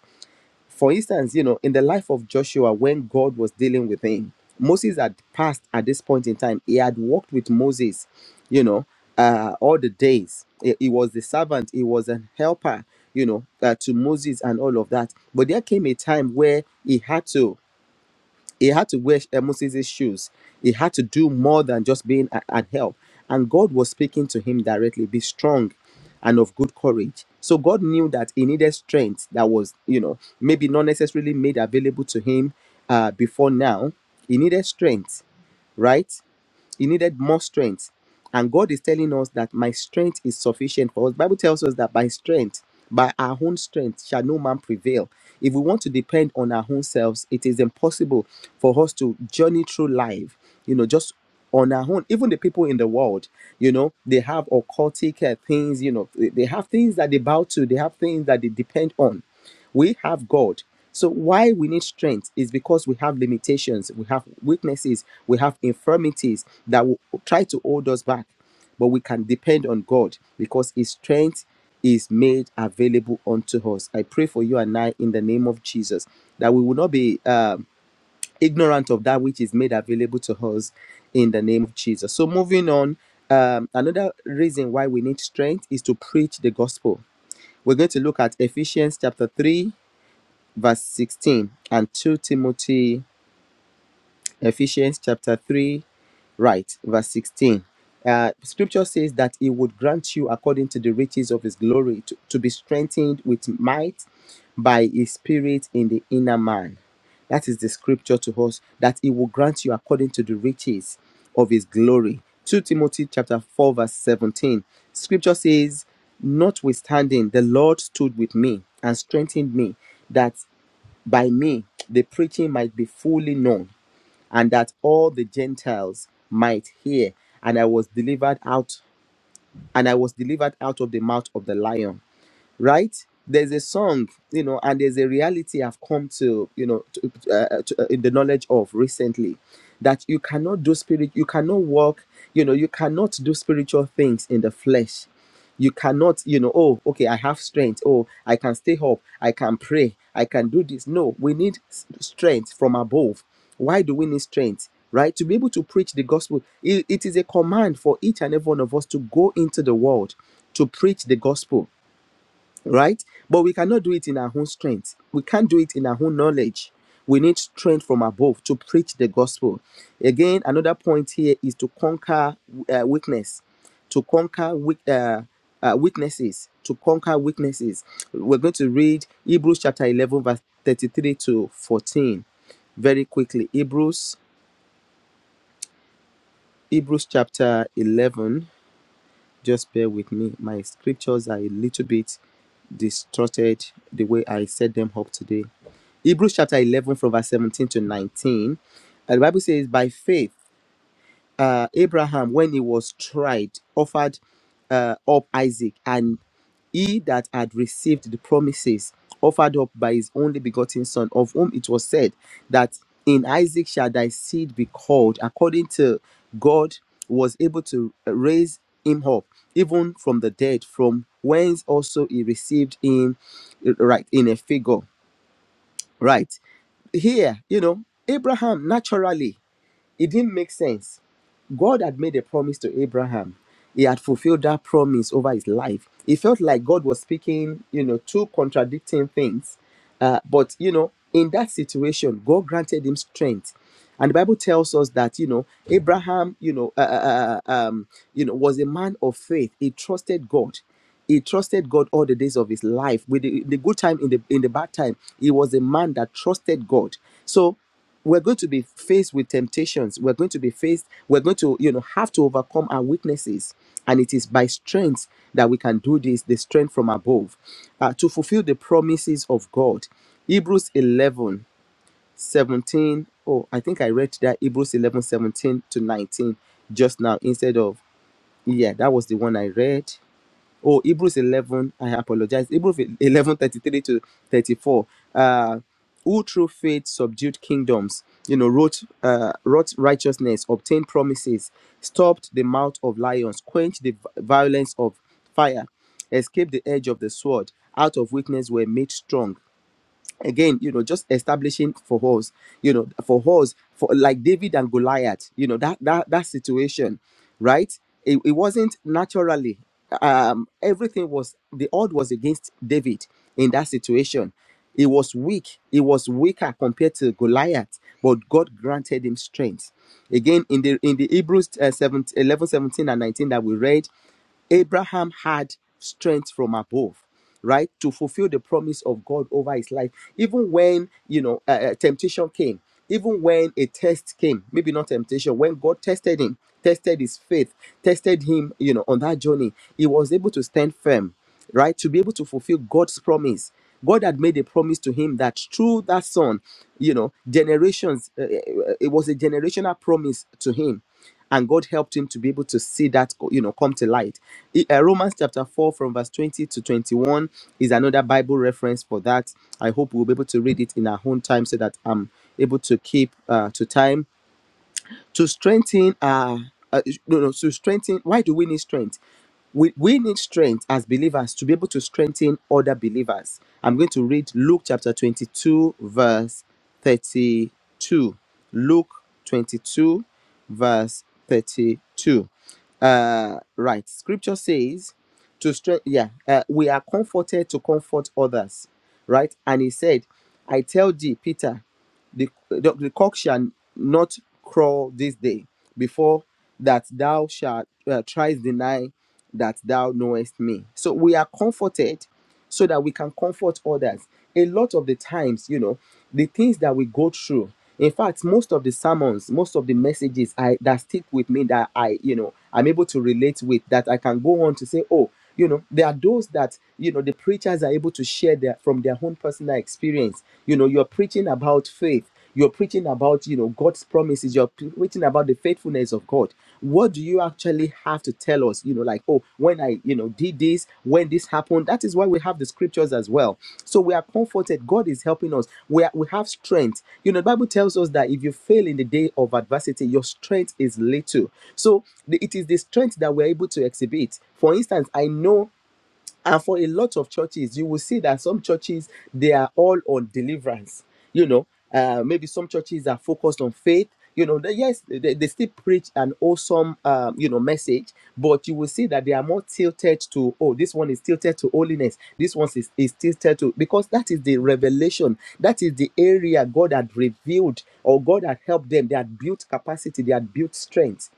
for instance, you know, in the life of Joshua, when God was dealing with him, Moses had passed at this point in time. He had walked with Moses, you know, uh, all the days. He, he was the servant, he was a helper, you know, uh, to Moses and all of that. But there came a time where he had to he had to wear uh, Moses' shoes. He had to do more than just being a- an help. And God was speaking to him directly be strong and of good courage. So God knew that he needed strength that was, you know, maybe not necessarily made available to him uh, before now. He needed strength, right? He needed more strength. And God is telling us that my strength is sufficient for us. Bible tells us that by strength, by our own strength, shall no man prevail. If we want to depend on our own selves, it is impossible for us to journey through life, you know, just on our own. Even the people in the world, you know, they have occultic uh, things, you know, they they have things that they bow to, they have things that they depend on we have god so why we need strength is because we have limitations we have weaknesses we have infirmities that will try to hold us back but we can depend on god because his strength is made available unto us i pray for you and i in the name of jesus that we will not be um, ignorant of that which is made available to us in the name of jesus so moving on um, another reason why we need strength is to preach the gospel we're going to look at Ephesians chapter 3 verse 16 and 2 timothy ephesians chapter 3 right verse 16 uh, scripture says that he would grant you according to the riches of his glory to, to be strengthened with might by his spirit in the inner man that is the scripture to us that he will grant you according to the riches of his glory 2 timothy chapter 4 verse 17 scripture says notwithstanding the lord stood with me and strengthened me that by me the preaching might be fully known, and that all the Gentiles might hear. And I was delivered out, and I was delivered out of the mouth of the lion right there's a song you know and there's a reality i've come to you know to, uh, uh, to, uh, in the knowledge of recently that you cannot do spirit you cannot walk you know you cannot do spiritual things in the flesh you cannot you know oh okay i have strength oh i can stay up i can pray i can do this no we need s- strength from above why do we need strength right to be able to preach the gospel it it is a command for each and every one of us to go into the world to preach the gospel right? But we cannot do it in our own strength. We can't do it in our own knowledge. We need strength from above to preach the gospel. Again, another point here is to conquer uh, weakness, to conquer weak, uh, uh, weaknesses, to conquer weaknesses. We're going to read Hebrews chapter 11, verse 33 to 14 very quickly. Hebrews, Hebrews chapter 11. Just bear with me. My scriptures are a little bit distorted the way I set them up today Hebrews chapter 11 from verse 17 to 19. And the Bible says, by faith, uh, Abraham, when he was tried, offered uh, up Isaac, and he that had received the promises offered up by his only begotten son, of whom it was said that in Isaac shall thy seed be called, according to God was able to raise him up, even from the dead, from whence also he received him right in a figure. Right here, you know, Abraham naturally, it didn't make sense. God had made a promise to Abraham. He had fulfilled that promise over his life. It felt like God was speaking, you know, two contradicting things. Uh, but, you know, in that situation, God granted him strength. And the Bible tells us that, you know, Abraham, you know, uh, uh, uh, um, you know, was a man of faith. He trusted God he trusted God all the days of his life. With the, the good time in the in the bad time, he was a man that trusted God. So we're going to be faced with temptations. We're going to be faced, we're going to, you know, have to overcome our weaknesses. And it is by strength that we can do this, the strength from above, uh, to fulfill the promises of God. Hebrews 11 17. Oh, I think I read that Hebrews 11 17 to 19 just now instead of, yeah, that was the one I read Oh, Hebrews 11, I apologize. Hebrews 11 33 to 34. Uh, who through faith subdued kingdoms, you know, wrote, uh, wrought righteousness, obtained promises, stopped the mouth of lions, quenched the vi- violence of fire, escaped the edge of the sword, out of weakness were made strong again you know just establishing for us you know for us for like david and goliath you know that that that situation right it, it wasn't naturally um everything was the odd was against david in that situation he was weak he was weaker compared to goliath but god granted him strength again in the in the hebrews uh, 7 eleven, seventeen, and 19 that we read Abraham had strength from above, right, to fulfill the promise of God over his life. Even when, you know, uh, uh, temptation came, even when a test came, maybe not temptation, when God tested him, tested his faith, tested him, you know, on that journey, he was able to stand firm, right, to be able to fulfill God's promise. God had made a promise to him that through that son, you know, generations, uh, uh, uh, it was a generational promise to him and God helped him to be able to see that you know come to light. I- uh, Romans chapter 4 from verse 20 to 21 is another Bible reference for that. I hope we'll be able to read it in our own time so that I'm able to keep uh, to time to strengthen our uh, no, no, to strengthen why do we need strength we, we need strength as believers to be able to strengthen other believers i'm going to read luke chapter 22 verse 32 luke 22 verse 32 uh, right. Scripture says, to stre- yeah, uh, we are comforted to comfort others, right? And he said, I tell thee, Peter, the, the, the cock shall not crow this day before that thou shalt uh, thrice deny that thou knowest me. So we are comforted so that we can comfort others. A lot of the times, you know, the things that we go through. In fact, most of the sermons, most of the messages I that stick with me that I, you know, I'm able to relate with, that I can go on to say, oh, you know, there are those that, you know, the preachers are able to share their from their own personal experience. You know, you're preaching about faith. You're preaching about, you know, God's promises. You're preaching about the faithfulness of God. What do you actually have to tell us? You know, like, oh, when I, you know, did this, when this happened. That is why we have the scriptures as well. So we are comforted. God is helping us. We are, we have strength. You know, the Bible tells us that if you fail in the day of adversity, your strength is little. So the- it is the strength that we're able to exhibit. For instance, I know and for a lot of churches, you will see that some churches they are all on deliverance. You know, uh, maybe some churches are focused on faith. You know, they, yes, they, they still preach an awesome, um, you know, message, but you will see that they are more tilted to, oh, this one is tilted to holiness. This one is, is tilted to, because that is the revelation. That is the area God had revealed or God had helped them. They had built capacity, they had built strength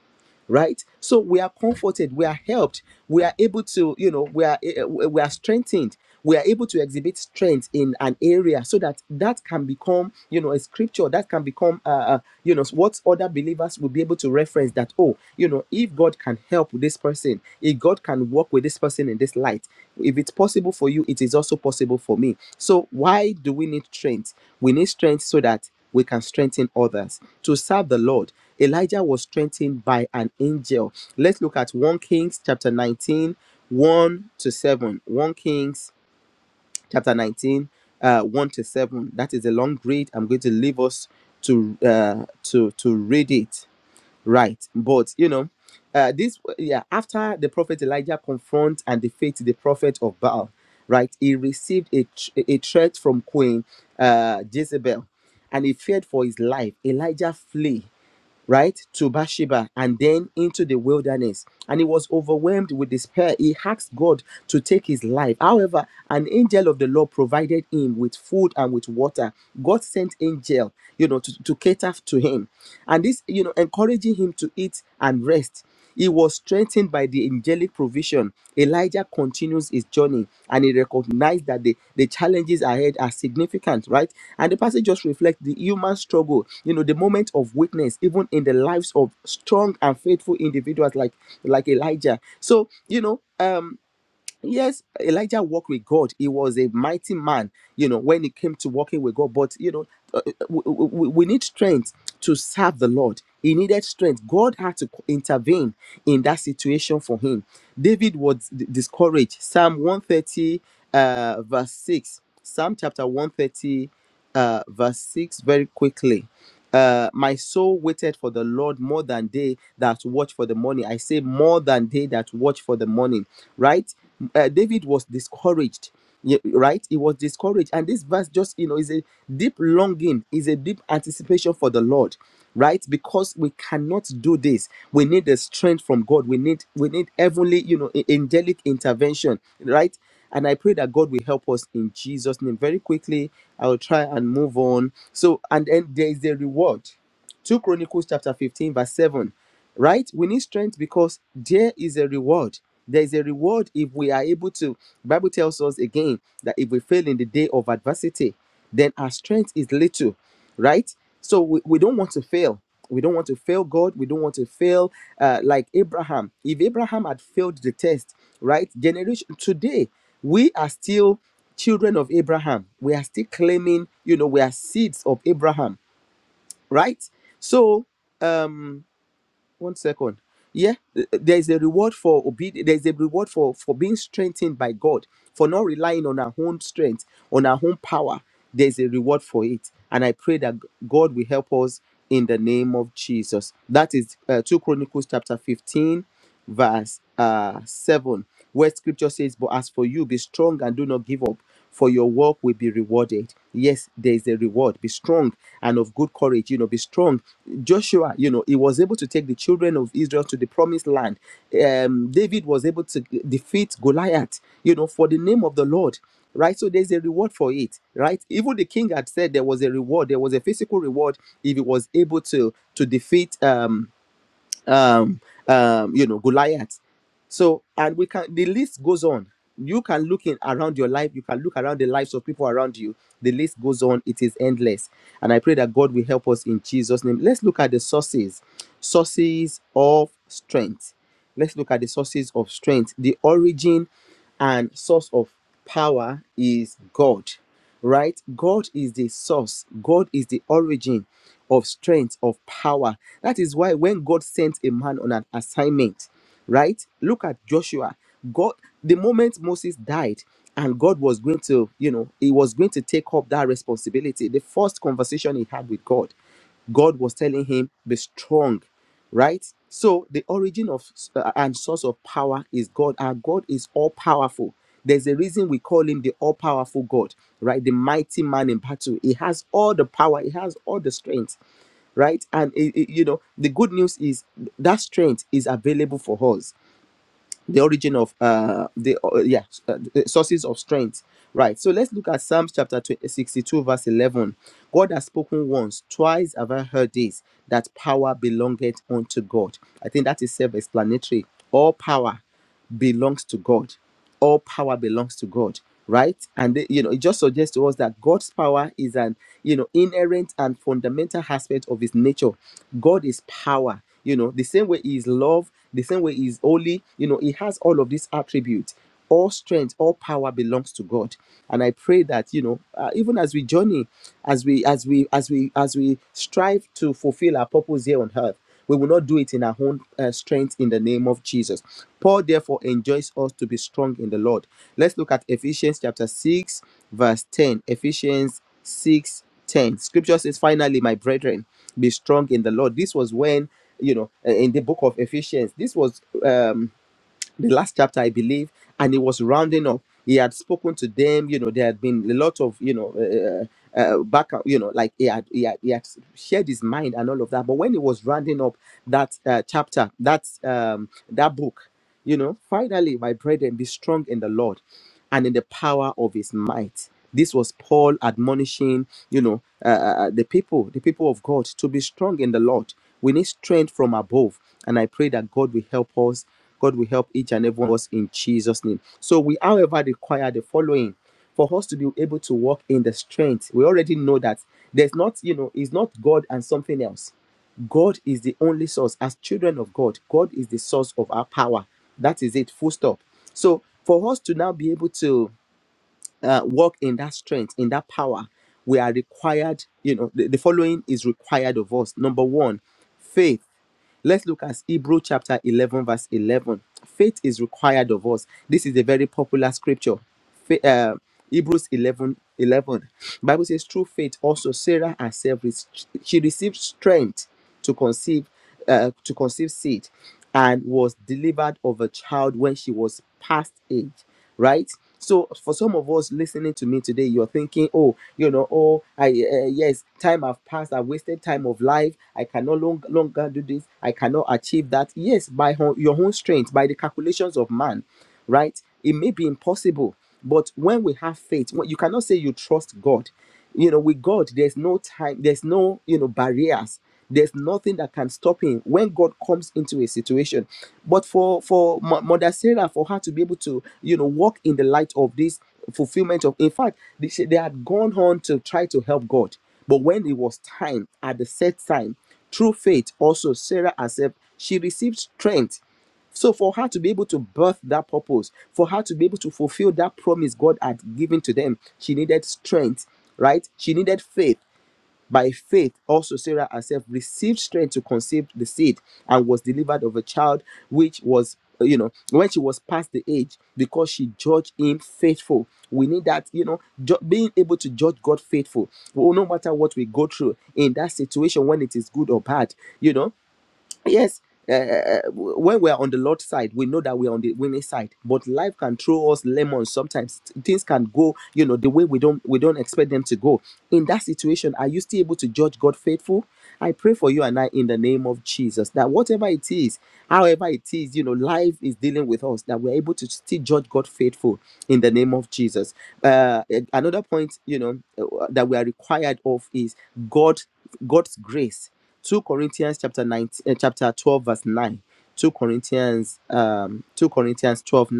right so we are comforted we are helped we are able to you know we are eh, eh, we are strengthened we are able to exhibit strength in an area so that that can become you know a scripture that can become uh, uh, you know what other believers will be able to reference that oh you know if god can help this person if god can work with this person in this light if it's possible for you it is also possible for me so why do we need strength we need strength so that we can strengthen others. To serve the Lord, Elijah was strengthened by an angel. Let's look at 1 Kings chapter 19, 1 to 7. 1 Kings chapter 19, uh, 1 to 7. That is a long read. I'm going to leave us to uh, to to read it right but you know uh, this yeah after the prophet elijah confront and defeat the prophet of baal right he received a, tr- a threat from queen uh, jezebel and he feared for his life elijah flee right to bathsheba and then into the wilderness and he was overwhelmed with despair he asked god to take his life however an angel of the lord provided him with food and with water god sent angel you know to, to cater to him and this you know encouraging him to eat and rest he was strengthened by the angelic provision. Elijah continues his journey and he recognized that the, the challenges ahead are significant, right? And the passage just reflects the human struggle, you know, the moment of weakness, even in the lives of strong and faithful individuals like, like Elijah. So, you know, Yes, Elijah walked with God. He was a mighty man, you know, when it came to walking with God. But, you know, uh, we, we, we need strength to serve the Lord. He needed strength. God had to intervene in that situation for him. David was d- discouraged. Psalm 130, uh, verse 6. Psalm chapter 130, uh, verse 6, very quickly. Uh, my soul waited for the Lord more than they that watch for the morning. I say more than they that watch for the morning, right? Uh, David was discouraged, ye- right? He was discouraged. And this verse just, you know, is a deep longing, is a deep anticipation for the Lord, right? Because we cannot do this. We need the strength from God. We need, we need heavenly, you know, a- angelic intervention, right? And I pray that God will help us in Jesus' name. Very quickly, I will try and move on. So, and then there is the reward. 2 Chronicles chapter 15, verse 7. Right? We need strength because there is a reward. There is a reward if we are able to. Bible tells us again that if we fail in the day of adversity, then our strength is little right? So we, we don't want to fail. We don't want to fail God. We don't want to fail uh, like Abraham. If Abraham had failed the test, right? Generation today, we are still children of Abraham. We are still claiming, you know, we are seeds of Abraham, right? So, um, one second yeah th- there is a reward for obedience there is a reward for for being strengthened by god for not relying on our own strength on our own power there is a reward for it and i pray that g- god will help us in the name of jesus that is uh, 2 chronicles chapter 15 verse uh 7 where scripture says but as for you be strong and do not give up for your work will be rewarded yes there is a reward be strong and of good courage you know be strong Joshua, you know, he was able to take the children of Israel to the promised land. Um, David was able to defeat Goliath, you know, for the name of the Lord, right? So there's a reward for it, right? Even the king had said there was a reward, there was a physical reward if he was able to to defeat. Um, um, um, you know, Goliath. So, and we can, the list goes on. You can look in around your life, you can look around the lives of people around you. The list goes on, it is endless. And I pray that God will help us in Jesus' name. Let's look at the sources, sources of strength. Let's look at the sources of strength. The origin and source of power is God right? God is the source, God is the origin of strength, of power. That is why when God sent a man on an assignment, right? Look at Joshua. God, the moment Moses died, and God was going to, you know, he was going to take up that responsibility. The first conversation he had with God God was telling him, be strong, right? So the origin of uh, and source of power is God. Our God is all powerful. There's a reason we call him the all powerful God, right? The mighty man in battle. He has all the power, he has all the strength, right? And it- it- you know, the good news is that strength is available for us the origin of uh the uh, yeah uh, the sources of strength right so let's look at psalms chapter 20 62 verse 11 god has spoken once twice have i heard this that power belongeth unto god i think that is self-explanatory all power belongs to god all power belongs to god right and they, you know it just suggests to us that god's power is an you know inherent and fundamental aspect of his nature god is power you know the same way he is love the same way he is holy you know he has all of these attributes all strength all power belongs to god and i pray that you know uh, even as we journey as we as we as we as we strive to fulfill our purpose here on earth we will not do it in our own uh, strength in the name of Jesus. Paul therefore enjoins us to be strong in the Lord. Let's look at Ephesians chapter 6, verse 10. Ephesians 6 10. Scripture says, Finally, my brethren, be strong in the Lord. This was when, you know, uh, in the book of Ephesians, this was um the last chapter, I believe, and he was rounding up. He had spoken to them. You know, there had been a lot of you know uh, uh, uh, back. You know, like he had, he had he had shared his mind and all of that. But when he was rounding up that uh, chapter, that um, that book. You know, finally, my brethren, be strong in the Lord and in the power of his might. This was Paul admonishing, you know, uh, uh, uh, the people, the people of God, to be strong in the Lord. We need strength from above. And I pray that God will help us. God will help each and every one of us in Jesus' name. So we, however, require the following for us to be able to walk in the strength. We already know that there's not, you know, it's not God and something else. God is the only source. As children of God, God is the source of our power. That is it, full stop. So, for us to now be able to uh, walk in that strength, in that power, we are required, you know, the, the following is required of us. Number one, faith. Let's look at Hebrew chapter 11, verse 11. Faith is required of us. This is a very popular scripture. Fa- uh, Hebrews 11, 11. Bible says, through faith also Sarah herself, re- she received strength to conceive, uh, to conceive seed and was delivered of a child when she was past age right? So for some of us listening to me today, you're thinking, oh, you know, oh, I uh, yes, time have passed. I wasted time of life. I cannot long, longer do this. I cannot achieve that. Yes, by ho- your own strength, by the calculations of man, right? It may be impossible. But when we have faith, when- you cannot say you trust God you know with god there's no time there's no you know barriers there's nothing that can stop him when god comes into a situation but for for Mo- mother sarah for her to be able to you know walk in the light of this fulfillment of in fact they, she- they had gone on to try to help god but when it was time at the set time through faith also sarah herself she received strength so for her to be able to birth that purpose, for her to be able to fulfill that promise God had given to them, she needed strength, right? She needed faith. By faith, also Sarah herself received strength to conceive the seed and was delivered of a child which was you know when she was past the age because she judged him faithful we need that you know ju- being able to judge god faithful well, no matter what we go through in that situation when it is good or bad you know yes uh, uh, when we're on the lord's side we know that we're on the winning side but life can throw us lemons sometimes Th- things can go you know the way we don't we don't expect them to go in that situation are you still able to judge god faithful i pray for you and i in the name of jesus that whatever it is however it is you know life is dealing with us that we're able to still judge god faithful in the name of jesus uh, a- another point you know uh, that we are required of is god god's grace 2 Corinthians chapter 19, eh, chapter 12, verse 9. 2 Corinthians um 2 Corinthians 12:9.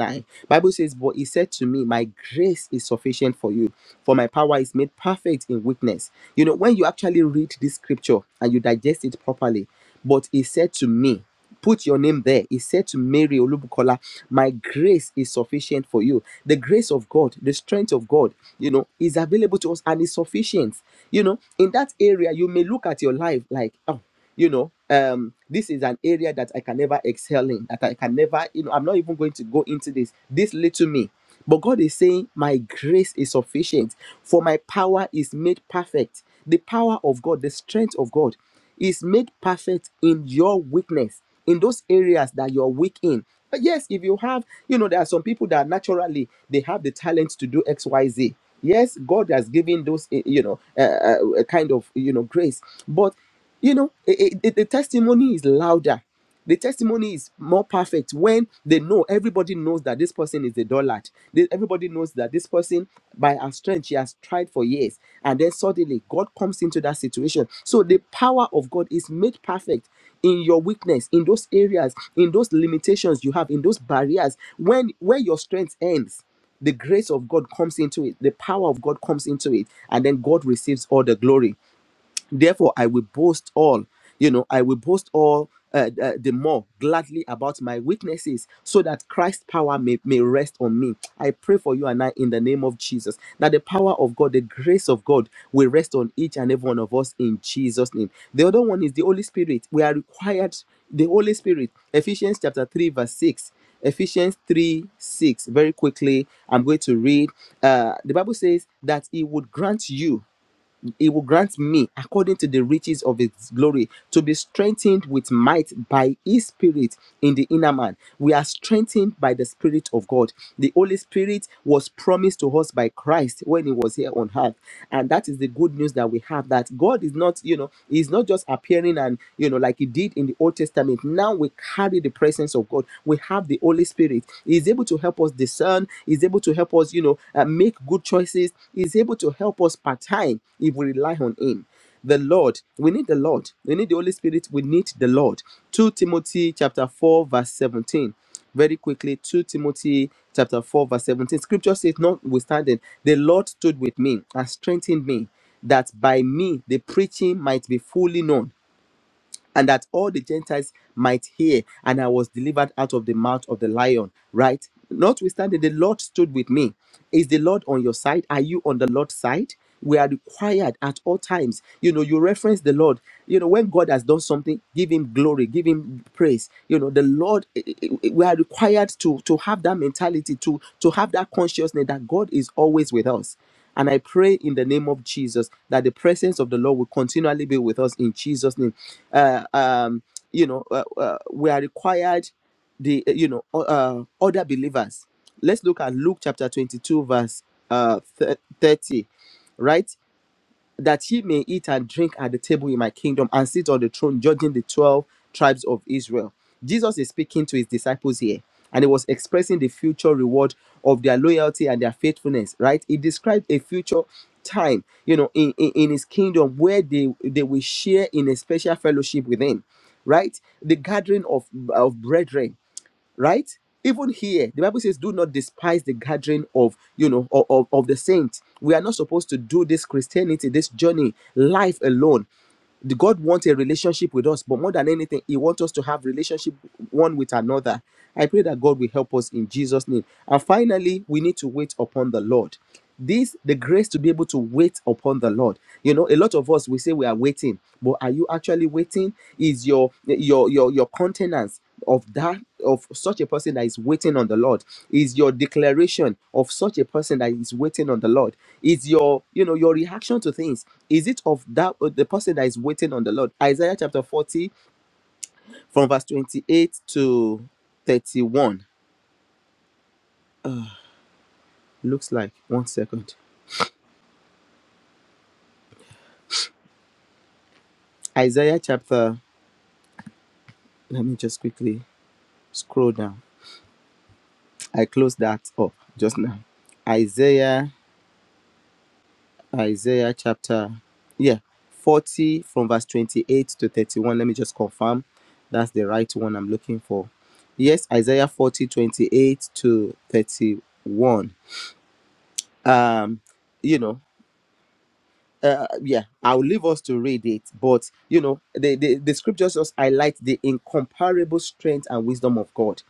Bible says, But he said to me, My grace is sufficient for you, for my power is made perfect in weakness. You know, when you actually read this scripture and you digest it properly, but he said to me, Put your name there. He said to Mary Olubukola, My grace is sufficient for you. The grace of God, the strength of God, you know, is available to us and is sufficient. You know, in that area, you may look at your life like, oh, you know um this is an area that i can never excel in that i can never you know i'm not even going to go into this this little me but god is saying my grace is sufficient for my power is made perfect the power of god the strength of god is made perfect in your weakness in those areas that you're weak in but yes if you have you know there are some people that naturally they have the talent to do xyz yes god has given those eh, you know uh, uh, kind of you know grace but you know, it, it, the testimony is louder. The testimony is more perfect when they know everybody knows that this person is a dullard. They- Everybody knows that this person, by her strength, she has tried for years. And then suddenly God comes into that situation. So the power of God is made perfect in your weakness, in those areas, in those limitations you have, in those barriers. When where your strength ends, the grace of God comes into it, the power of God comes into it, and then God receives all the glory therefore i will boast all you know i will boast all uh, uh, the more gladly about my weaknesses so that christ's power may, may rest on me i pray for you and i in the name of jesus that the power of god the grace of god will rest on each and every one of us in jesus name the other one is the holy spirit we are required the holy spirit ephesians chapter 3 verse 6 Ephesians 3 6. Very quickly, I'm going to read. Uh, the Bible says that He would grant you he will grant me, according to the riches of His glory, to be strengthened with might by His Spirit in the inner man. We are strengthened by the Spirit of God. The Holy Spirit was promised to us by Christ when He was here on earth, and that is the good news that we have. That God is not, you know, He's not just appearing and you know, like He did in the Old Testament. Now we carry the presence of God. We have the Holy Spirit. He's able to help us discern, is able to help us, you know, uh, make good choices, is able to help us part time if we rely on Him. The Lord, we need the Lord, we need the Holy Spirit, we need the Lord. 2 Timothy chapter 4, verse 17 very quickly 2 timothy chapter 4 verse 17 scripture says notwithstanding the lord stood with me and strengthened me that by me the preaching might be fully known and that all the Gentiles might hear. And I was delivered out of the mouth of the lion, right? Notwithstanding, the Lord stood with me. Is the Lord on your side? Are you on the Lord's side? We are required at all times. You know, you reference the Lord. You know, when God has done something, give him glory, give him praise. You know, the Lord, eh, eh, eh, we are required to, to have that mentality, to, to have that consciousness that God is always with us. And I pray in the name of Jesus that the presence of the Lord will continually be with us in Jesus' name uh, um, you know, uh, uh, we are required the uh, you know o- uh, other believers. Let's look at Luke chapter 22 verse uh, thir- 30, right? that he may eat and drink at the table in my kingdom and sit on the throne judging the 12 tribes of Israel. Jesus is speaking to his disciples here and he was expressing the future reward of their loyalty and their faithfulness, right? He described a future time, you know, in, in, in his kingdom where they, they will share in a special fellowship with him, right? The gathering of, of brethren right even here the bible says do not despise the gathering of you know of, of, of the saints we are not supposed to do this christianity this journey life alone the god wants a relationship with us but more than anything he wants us to have relationship one with another i pray that god will help us in jesus name and finally we need to wait upon the lord this the grace to be able to wait upon the lord you know a lot of us we say we are waiting but are you actually waiting is your your your your countenance of that of such a person that is waiting on the lord is your declaration of such a person that is waiting on the lord is your you know your reaction to things is it of that of the person that is waiting on the lord isaiah chapter 40 from verse 28 to 31 looks like one second isaiah chapter let me just quickly scroll down i closed that up just now isaiah Isaiah chapter, yeah, 40 from verse 28 to 31. Let me just confirm that's the right one I'm looking for. Yes, Isaiah 40 28 to 31. Um, you know uh, yeah, I'll leave us to read it. But you know, the, the the scriptures just highlight the incomparable strength and wisdom of God.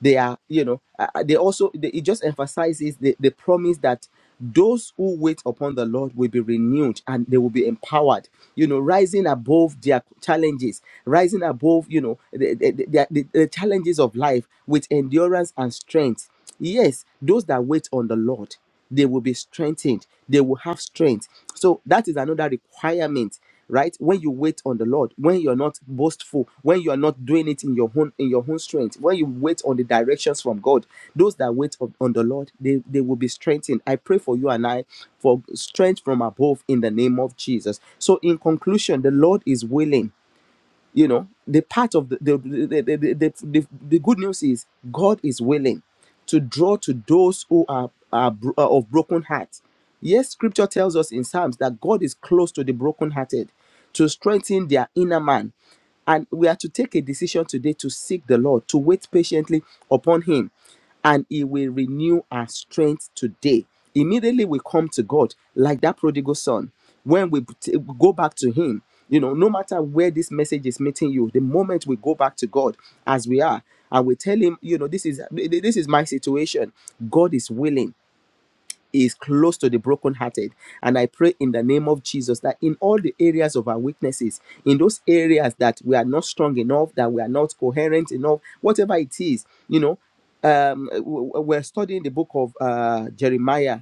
They are, you know, uh, uh, they also they, it just emphasizes the, the promise that those who wait upon the Lord will be renewed and they will be empowered. You know, rising above their challenges, rising above, you know, the the, the, the the challenges of life with endurance and strength. Yes, those that wait on the Lord they will be strengthened they will have strength so that is another requirement right when you wait on the lord when you're not boastful when you're not doing it in your own in your own strength when you wait on the directions from god those that wait on on the lord they, they will be strengthened i pray for you and i for strength from above in the name of jesus so in conclusion the lord is willing you know the part of the the, the, the, the, the, the the good news is god is willing to draw to those who are, are bro- are of broken heart yes scripture tells us in psalms that god is close to the brokenhearted to strengthen their inner man and we are to take a decision today to seek the lord to wait patiently upon him and he will renew our strength today. Immediately we come to God, like that prodigal son. When we t- go back to him, you know, no matter where this message is meeting you, the moment we go back to God as we are, and we tell him, you know, this is this is my situation. God is willing. He is close to the brokenhearted. And I pray in the name of Jesus that in all the areas of our weaknesses, in those areas that we are not strong enough, that we are not coherent enough, whatever it is, you know, um w- w- we're studying the book of uh jeremiah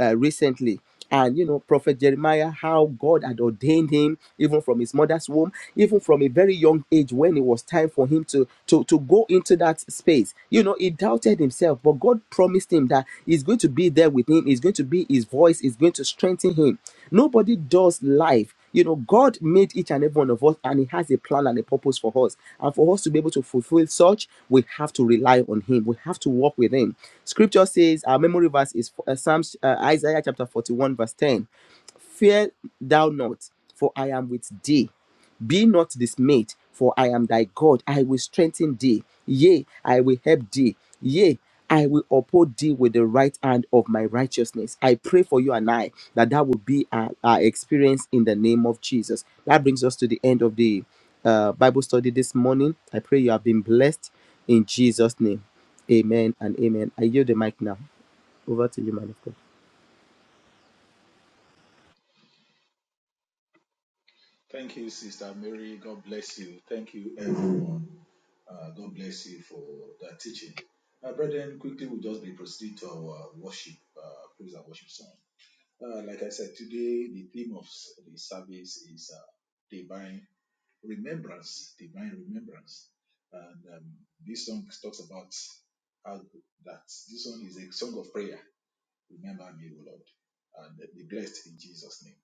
uh, recently and you know prophet jeremiah how god had ordained him even from his mother's womb even from a very young age when it was time for him to to to go into that space you know he doubted himself but god promised him that he's going to be there with him he's going to be his voice He's going to strengthen him nobody does life you know, God made each and every one of us, and He has a plan and a purpose for us. And for us to be able to fulfill such, we have to rely on Him. We have to walk with Him. Scripture says, our memory verse is uh, Psalms, uh, Isaiah chapter 41, verse 10. Fear thou not, for I am with thee. Be not dismayed, for I am thy God. I will strengthen thee. Yea, I will help thee. Yea, I will uphold thee with the right hand of my righteousness. I pray for you and I that that will be our, our experience in the name of Jesus. That brings us to the end of the uh, Bible study this morning. I pray you have been blessed in Jesus' name. Amen and amen. I yield the mic now. Over to you, man. of God.
Thank you, Sister Mary. God bless you. Thank you, everyone. Uh, God bless you for that teaching. Uh, brethren, quickly we'll just be proceed to our worship, uh, praise and worship song. Uh, like I said, today the theme of s- the service is uh, divine remembrance, divine remembrance. And um, this song talks about how that this one is a song of prayer. Remember me, O Lord, and be blessed in Jesus' name.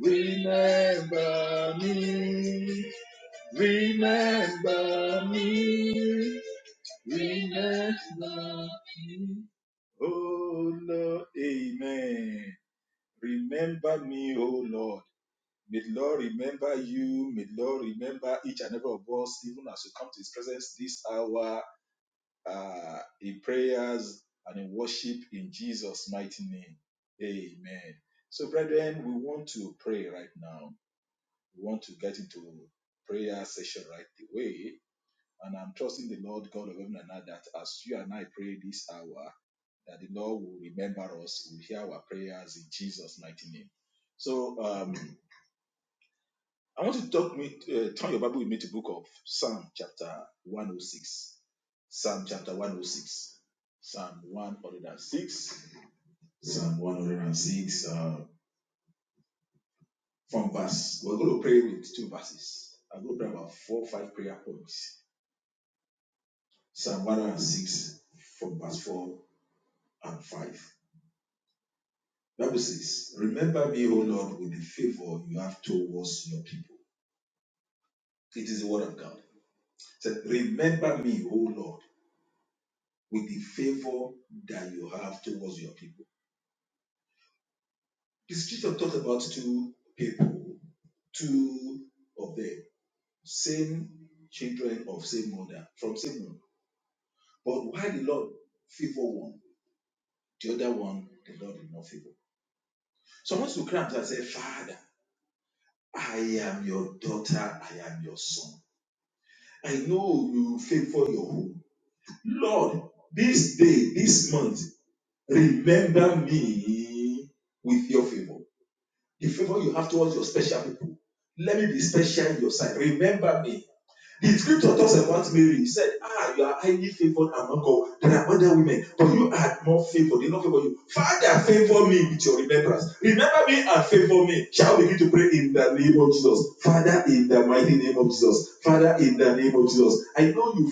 Remember me, remember me. We just love you. Oh Lord, amen. Remember me, oh Lord. May the Lord remember you. May the Lord remember each and every of us, even as we come to His presence this hour uh, in prayers and in worship in Jesus' mighty name. Amen. So, brethren, we want to pray right now. We want to get into prayer session right away. And I'm trusting the Lord God of heaven and earth that as you and I pray this hour, that the Lord will remember us, will hear our prayers in Jesus' mighty name. So um, I want to talk me, uh, turn your Bible with me to book of Psalm chapter 106. Psalm chapter 106. Psalm 106. Psalm 106. Uh, from verse, we're going to pray with two verses. I'm going to pray about four or five prayer points. Psalm 106 from verse 4 and 5. The Bible says, Remember me, O Lord, with the favor you have towards your people It is the word of God. It said, Remember me, O Lord, with the favor that you have towards your people. The scripture talks about two people, two of them, same children of same mother, from same womb. But why the Lord favor one, the other one, the Lord did not favor. Someone should cry out and say, Father, I am your daughter, I am your son. I know you favor your home. Lord, this day, this month, Remember me with your favor. The favor you have towards your special people. Let me be special in your sight. Remember me. The scripture talks about Mary. He said, Ah, you are highly favored among all. There are other women, but you are more favored. They don't favor you. Father, favor me with your remembrance. Remember me and favor me. Shall we begin to pray in the name of Jesus? Father, in the mighty name of Jesus. Father, in the Jesus. I know you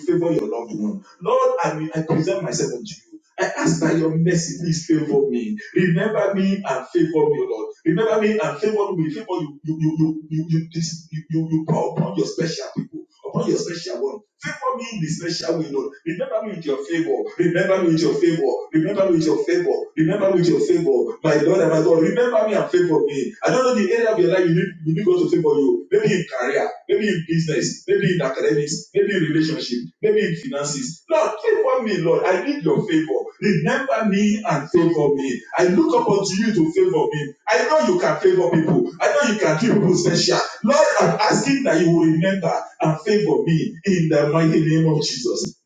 loved one. Lord, I mean, I present myself unto you. I ask by your mercy, please favor me. Remember me and favor me, Lord. Remember me and favor me. Favor you, you, you, you, you, you, this- you, you, you pour upon your special people upon your special one. Favor me in the special way, Lord. Remember me with your favor. Remember me with your favor. Remember me with your favor. Remember me with your favor. My Lord and my God, remember me and favor me. I don't know the area of your life you need, you need God to favor you. Maybe in career, maybe in business, maybe in academics, maybe in relationship, maybe in finances. Lord, favor me, Lord. I need your favor. Remember me and favor me. I look up unto you to favor me. I know you can favor people. I know you can give people special. Lord, I'm asking that you will remember and favor me in the mighty name of Jesus.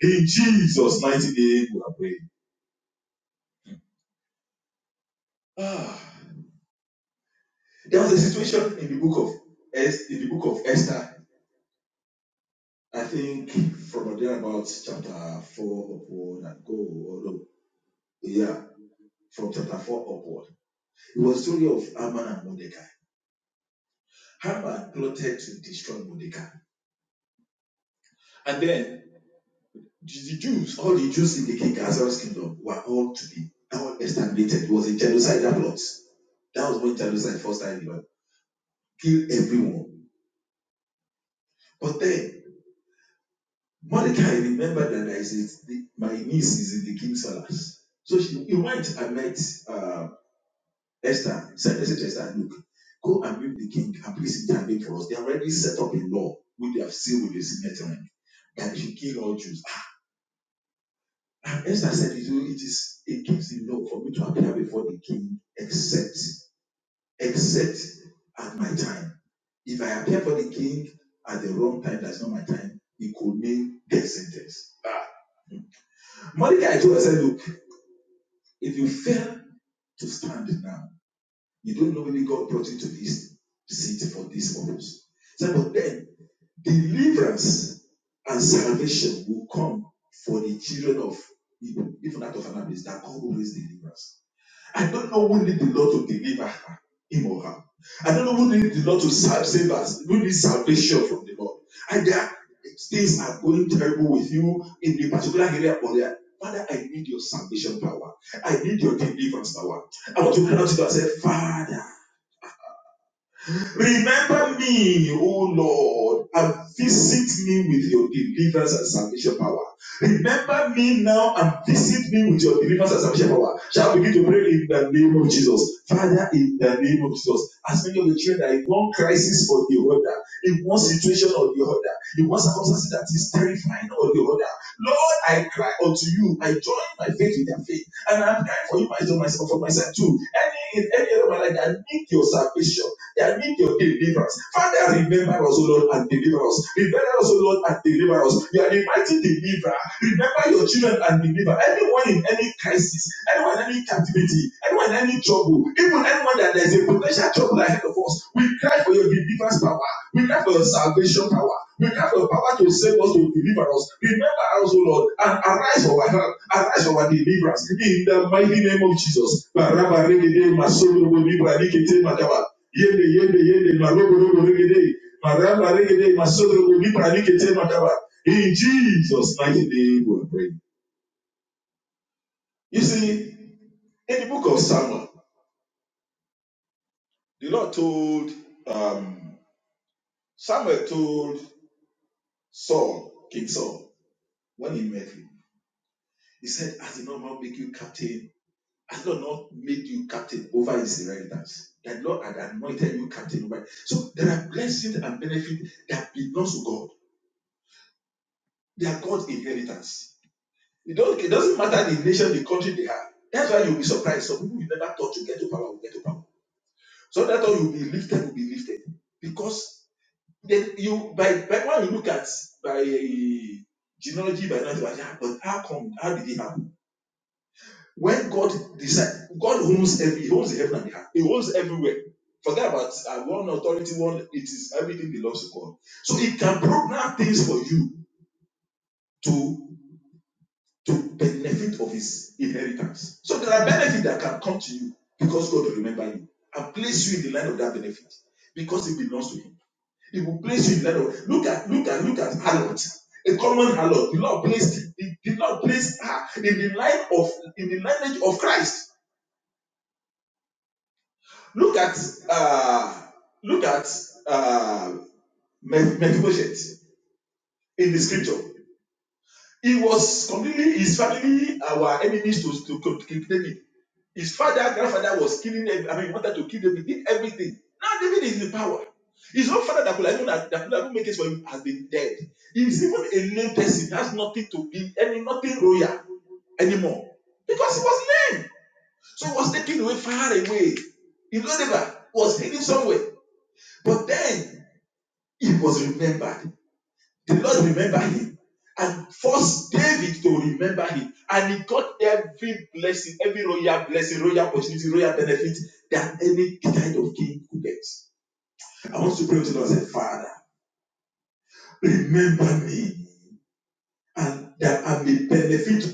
In Jesus' mighty name, we are praying. Ah, there was a situation in the book of Es- in the book of Esther I think from there about chapter four upward and go. Or no, yeah, from chapter four upward. It was the story of Haman and Mordecai. Haman plotted to destroy Mordecai, and then the Jews, all the Jews in the king Ahasuerus' kingdom, were all to be all exterminated. It was a genocidal plot. That was when genocide first time you know, Kill everyone. But then Mordecai remembered that there is a, my niece is in the king's palace, so she he went and met. uh, Esther sent a message to Esther, look, go and meet the king and please intervene for us. They have already set up a law which they have sealed with a signet ring that they should kill all Jews. And Esther said, you know, it is against the law for me to appear before the king except, except at my time. If I appear for the king at the wrong time, that's not my time, It could mean death sentence. Mordecai told her, said, look, if you fail to stand now, You don't know maybe God brought you to this city for this purpose. So, but then deliverance and salvation will come for the children of Hebrew, even out of an abyss, that God always delivers. I don't know who need the Lord to deliver her, him or her. I don't know who need the Lord to save, save us, who needs salvation from the Lord. And there are things are going terrible with you in the particular area or there. Father, I need your salvation power. I need your deliverance power. I want to cry out to you and say, Father. Remember me, O Lord, and visit me with your deliverance and salvation power. Remember me now and visit me with your deliverance and salvation power. Shall we begin to pray in the name of Jesus? Father, in the name of Jesus, as many of the children are in one crisis or the other, in one situation or the other, in one circumstance that is terrifying or the other, Lord, I cry unto you. I join my faith with your faith, and I'm crying for you, my, my, for myself too. Any in any area of my life that need your salvation, that need your deliverance. Father, remember us, O Lord, and deliver us. Remember us, O Lord, and deliver us. You are the mighty deliverer. Remember your children and deliver. Anyone in any crisis, anyone in any captivity, anyone in any trouble, even anyone that there is a potential trouble ahead of us, we cry for your deliverance power. We cry for your salvation power. We have the power to save us, to deliver us. Remember us, O Lord, and arise our help, arise our deliverance in the mighty name of Jesus. Baraba masorobo libra likete Yende, yende, yende, maroborobo regede. Maraba masorobo libra likete In Jesus' mighty name we pray. You see, in the book of Samuel, the Lord told um, Samuel told Saul, King Saul, when he met him, he said, "Has the Lord not make you captain?" Has the Lord not made you captain over his inheritance? That Lord had anointed you captain over. So there are blessings and benefits that belongs to God. They are God's inheritance. It, don't, it doesn't matter the nation, the country they have. That's why you'll be surprised. Some people you never thought to get to power will get to power. So that all you'll be lifted will be lifted. Because then you by, by when you look at by genealogy by now, "Yeah, but how come? How did it happen? When God decides, God owns every, He owns heaven and the earth. He owns everywhere. Forget about uh, one authority, one, it is everything belongs to God. So it can program things for you to, to inheritance. So there are benefits that can come to you because God will remember you and place you in the line of that benefit because it belongs to him. He will place you in the line of look at look at look at harlot, a common harlot. The Lord placed the, the Lord placed her in the line of in the lineage of Christ. Look at uh, look at uh, Mephibosheth in the scripture. He was completely his family our enemies to to, to kill David. His father, grandfather was killing. ev- I mean, wanted to kill David. Did everything. Now David is in power. His own father that could have that, that could have made case for him has been dead. He is even a lame person. He has nothing to be any nothing royal anymore because he was lame. So he was taken away far away. In Lodeba was hidden somewhere. But then He was remembered. The Lord remembered him and forced David to remember him. And he got every blessing, every royal blessing, royal opportunity, royal benefit that any kind of king could get. I want to pray to the Lord and say, Father, remember me and that I may benefit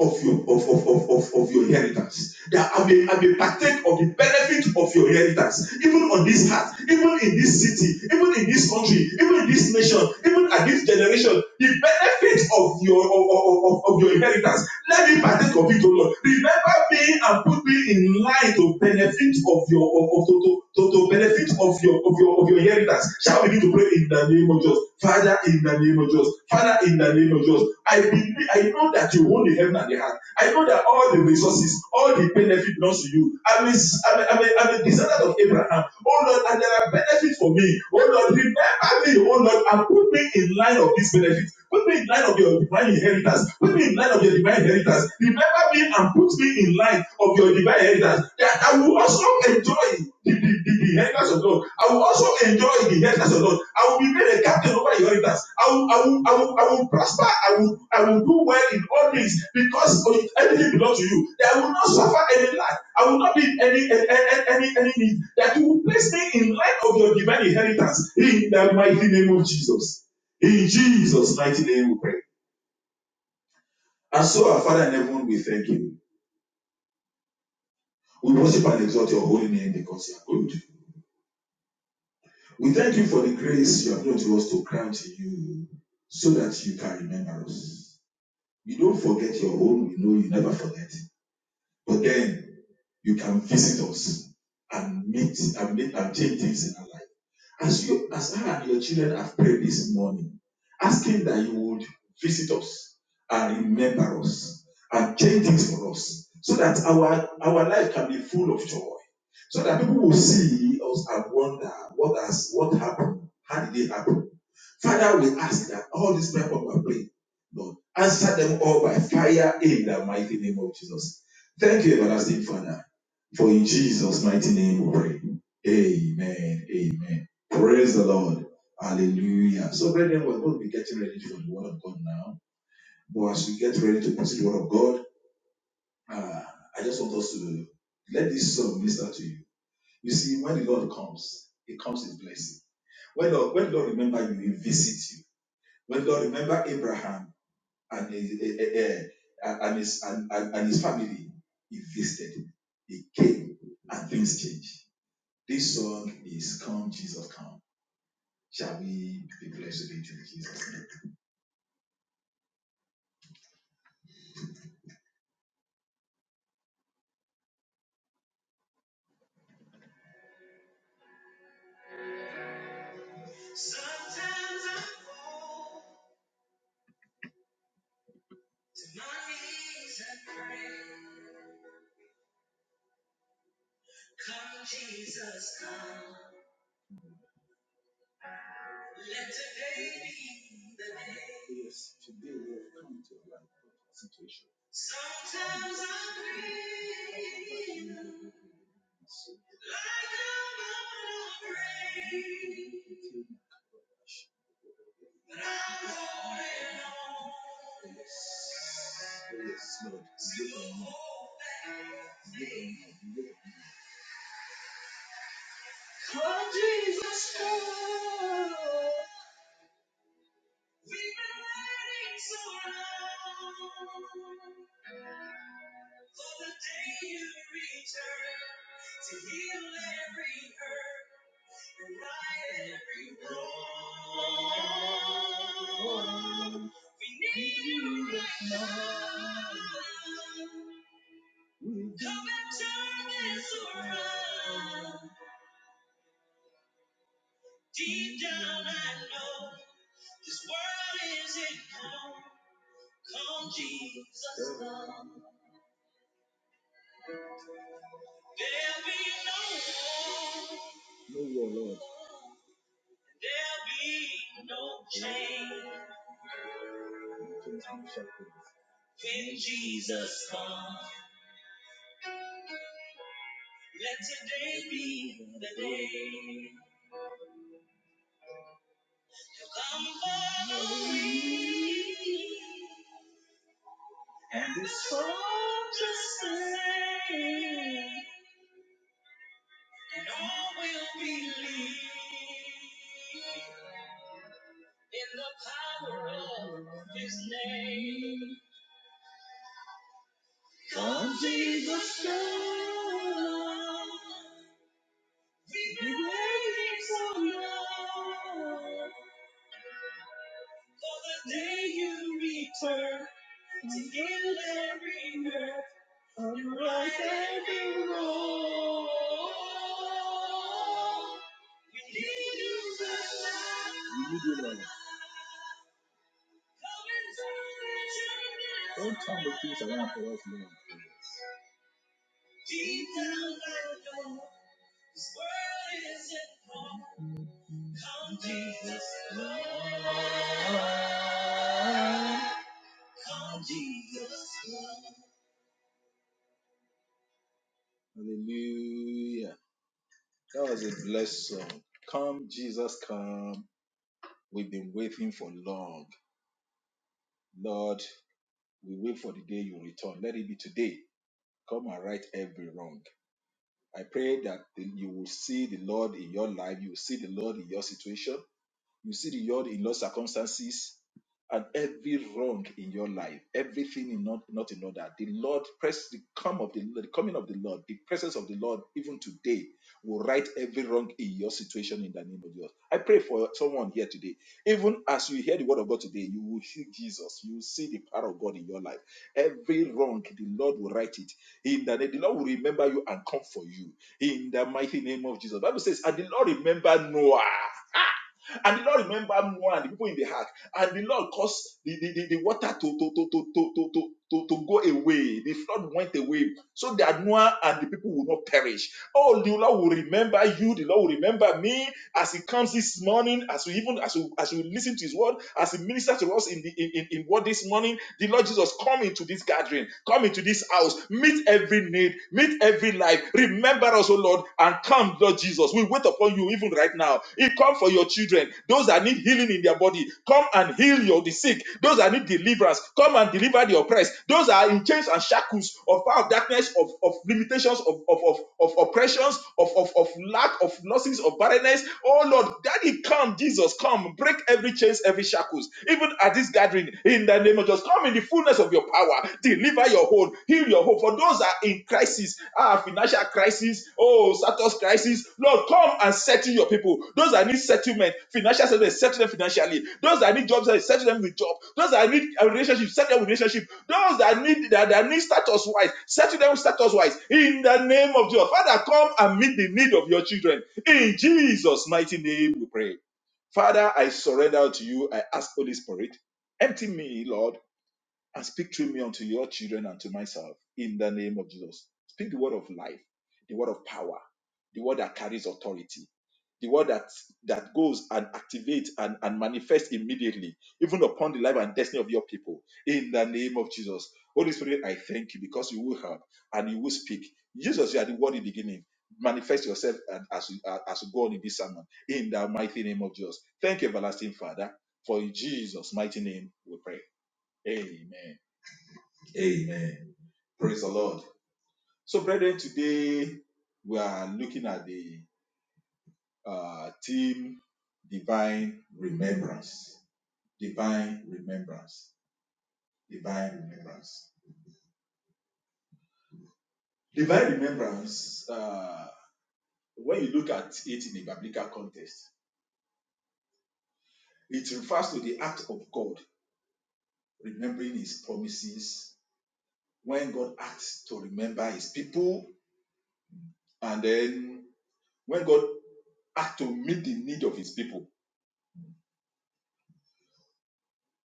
of your of, of, of, of, of your inheritance. That I may, I may partake of the benefit of your inheritance, even on this earth, even in this city, even in this country, even in this nation, even at this generation, the benefit of your of, of, of of your inheritance. Let me partake of it, O Lord. Remember me and put me in line line to benefit of your of, of to, to, to, to benefit of your of your of your inheritance. Shall we begin to pray in the name of Jesus? Father, in the name of Jesus. Father, in the name of Jesus. I believe, I know that you own the heaven and the earth. I know that all the resources, all the benefit belongs to you. I'm a, I'm a, I'm a, I'm a descendant of Abraham. Oh Lord, and are benefits for me. Oh Lord, remember me, oh Lord, and put me in line of these benefits. Put me in line of your divine inheritance. Put me in line of your divine inheritance. Remember me and put me in line of your divine inheritance. That I will also enjoy the, the, the, the inheritance of God. I will also enjoy the inheritance of Lord. I will be made a captain over your inheritance. I will, I will, I will, I will prosper. I will, I will do well in all things because everything belongs to you. That I will not suffer any lack. I will not be any, any, any, any need. That you will place me in line of your divine inheritance in the mighty name of Jesus. In Jesus' mighty name we pray. And so, our Father in heaven, we thank you. We worship and exalt your holy name because you are good. We thank you for the grace you have given to us to crown to you so that you can remember us. You don't forget your own. You know you never forget. But then you can visit us and meet and meet and change things in our life. As you as I and your children have prayed this morning, asking that you would visit us and remember us and change things for us so that our our life can be full of joy. So that people will see us and wonder what has what happened, how did it happen? Father, we ask that all these people who are praying, Lord, answer them all by fire in the mighty name of Jesus. Thank you, everlasting Father. For in Jesus' mighty name we pray. Amen. Amen. Praise the Lord. Hallelujah. So, brethren, we're going to be getting ready for the Word of God now. But as we get ready to proceed the Word of God, uh, I just want us to let this song minister to you. You see, when the Lord comes, He comes with blessing. When the when the Lord remember you, He visits you. When the Lord remember Abraham, and his, eh, eh, eh, and his, and, and, and his family, he visited. He came and things changed. This song is Come Jesus Come. Shall we be blessed today in Jesus' name? Yes, today we have come to a life situation. so Yes, Lord. No war, Lord. Things You do not love us, Hallelujah. That was a blessed song. Come, Jesus, come. We've been waiting for long. Lord, we wait for the day you return. Let it be today. Come and right every wrong. I pray that the- you will see the Lord in your life. You will see the Lord in your situation. You see the yod in lost circumstances and every wrong in your life, everything in not, not in order. The Lord press the come of the, the coming of the Lord, the presence of the Lord, even today, will right every wrong in your situation in the name of Jesus. I pray for someone here today. Even as you hear the word of God today, you will see Jesus. You will see the power of God in your life. Every wrong, the Lord will right it. In the name, the Lord will remember you and come for you. In the mighty name of Jesus. The Bible says, and the Lord remember Noah. And the Lord remembered Noah and the people in the ark. And the Lord caused the, the, the, the water to, to, to, to, to, to, to, to, to go away. The flood went away so that Noah and the people would not perish. Oh, the Lord will remember you. The Lord will remember me as He comes this morning. As we even as we, as we listen to His word, as He ministers to us in the in, in, in word this morning, the Lord Jesus come into this gathering, come into this house, meet every need, meet every life. Remember us, oh Lord, and come, Lord Jesus. We wait upon you even right now. He come for your children, those that need healing in pain in their body. Come and heal your the sick. Those that need deliverance, come and deliver the oppressed. Those that are in chains and shackles of power of darkness, of, of limitations, of, of, of, of oppressions, of, of, of lack, of losses, of barrenness. Oh Lord, Daddy, come, Jesus, come, break every chains, every shackles. Even at this gathering, in the name of Jesus, come in the fullness of your power, deliver your hope, heal your hope. For those that are in crisis, ah, financial crisis, oh, status crisis, Lord, come and settle your people. Those that need settlement, financial settlement, settle them financially. Those that need jobs, eh, settle them with job. Those that need a relationship, settle them with relationship. Those that need that, that need status wise, settle them status wise. In the name of Jesus, Father, come and meet the need of your children. In Jesus' mighty name, we pray. Father, I surrender to you. I ask Holy Spirit, empty me, Lord and speak through me unto your children and to myself in the name of Jesus. Speak the word of life, the word of power, the word that carries authority, the word that that goes and activates and, and manifests immediately, even upon the life and destiny of your people. In the name of Jesus. Holy Spirit, I thank you because you will help and you will speak. Jesus, you are the word in the beginning. Manifest yourself and as you uh, as you go on in this sermon. In the mighty name of Jesus. Thank you, everlasting Father. For in Jesus' mighty name we pray. Amen. Amen. Praise the Lord. So, brethren, today we are looking at the uh, theme divine remembrance. Divine remembrance. Divine remembrance. Divine remembrance, uh, when you look at it in a biblical context, it refers to the act of God remembering his promises, when God acts to remember his people, and then when God acts to meet the need of his people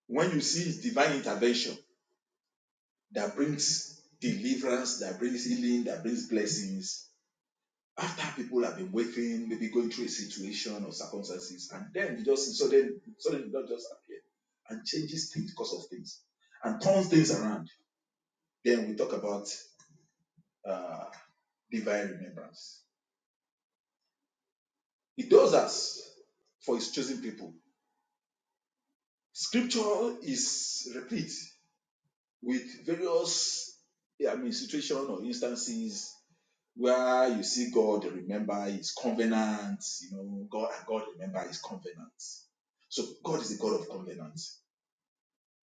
When you see it's divine intervention that brings deliverance, that brings healing, that brings blessings, after people have been waiting, maybe going through a situation or circumstances, and then you just see sudden, suddenly God just appear and changes things because of things and turns things around. Then we talk about uh, divine remembrance. He does us for his chosen people. Scripture is replete with various, yeah, I mean, situations or instances where you see God remember his covenant, you know, God and God remember his covenant. So God is the God of covenant.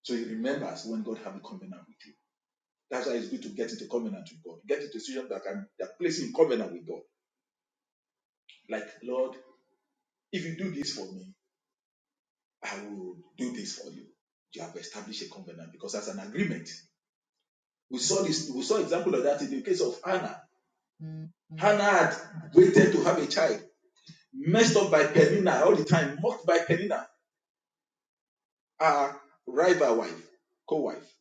So he remembers when God have a covenant with you. That's why it's good to get into covenant with God. Get into a situation that can that place you in covenant with God. Like, Lord, if you do this for me, I will do this for you. You have established a covenant because that's an agreement. We saw this, we saw example of that in the case of Hannah. Hannah had waited to have a child, messed up by Penina all the time, mocked by Penina Her rival wife, co-wife.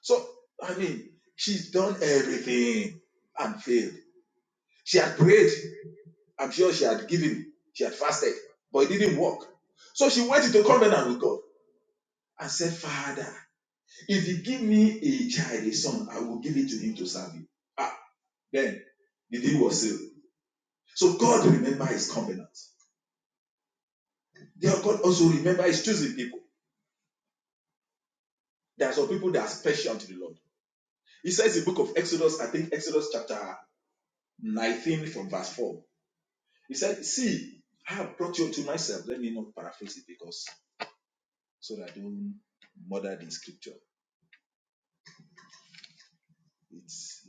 So I mean, she's done everything and failed. She had prayed. I'm sure she had given. She had fasted, but it didn't work. So she went into covenant with God and said, Father, if you give me a child, a son, I will give it to him to serve you. Ah, then the deal was sealed. So God remember his covenant. There God also remember his choosing people. There are some people that are special to the Lord. He says in the book of Exodus, I think Exodus chapter 19 from verse 4. He said, See, I have brought you to myself. Let me not paraphrase it because so that I don't murder the scripture. It's,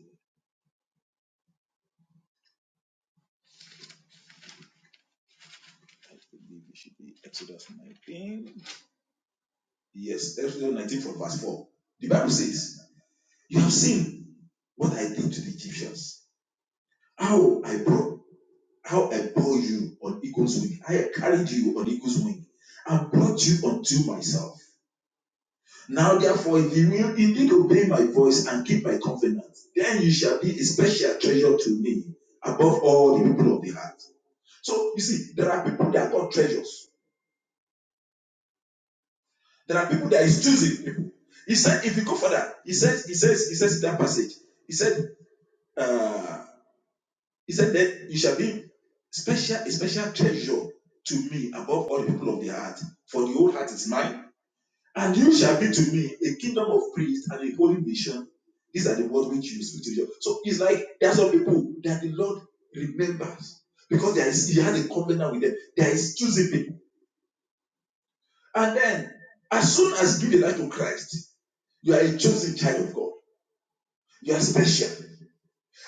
I believe it should be Exodus 19. Yes, Exodus 19 from verse 4. The Bible says, You have seen what I did to this, how I brought. How I bore you on eagle's wing, I carried you on eagle's wing and brought you unto myself. Now therefore, if you will indeed obey my voice and keep my covenant, then you shall be a special treasure to me above all the people of the earth. So you see, there are people that got treasures. There are people that is choosing people. He said, if you go further, he says, he says, he says in that passage, he said, uh, he said that you shall be special, a special treasure to me above all the people of the earth, for the whole heart is mine And you shall be to me a kingdom of priests and a holy nation. These are the words which you speak to the So it's like there are some people that the Lord remembers because there is, He had a covenant with them. There is choosing people. And then, as soon as you give your life to Christ, you are a chosen child of God. You are special.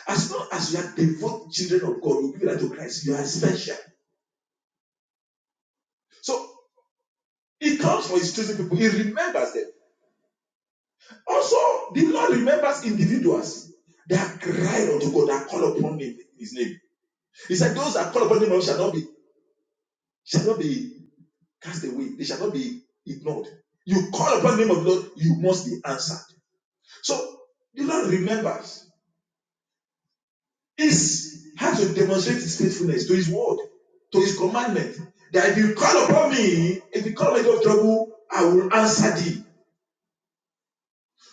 As long as you are devout children of God, you give your life to Christ, you are special. So it comes for His chosen people. He remembers them. Also, the Lord remembers individuals that cry unto God, that call upon Him, His name. He said, Those that call upon the name of the Lord shall not be shall not be cast away, they shall not be ignored. You call upon the name of the Lord, you must be answered. So the Lord remembers is how to demonstrate his faithfulness to his word, to his commandment. That if you call upon me, if you call me out of trouble, I will answer thee.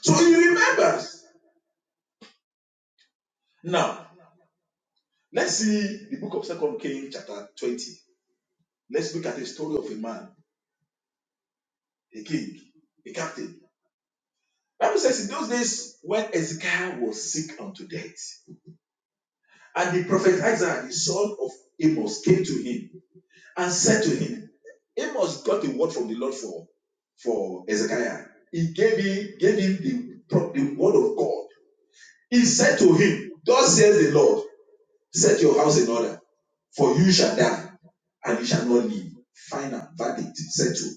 So he remembers. Now, let's see the book of Second Kings, chapter 20. Let's look at the story of a man, a king, a captain. Bible says in those days when Ezekiah was sick unto death, and the prophet Isaiah, the son of Amos, came to him and said to him, Amos got a word from the Lord for, for Ezekiah. He gave him, gave him the, the word of God. He said to him, Thus says the Lord, set your house in order, for you shall die, and you shall not live. Final verdict settled.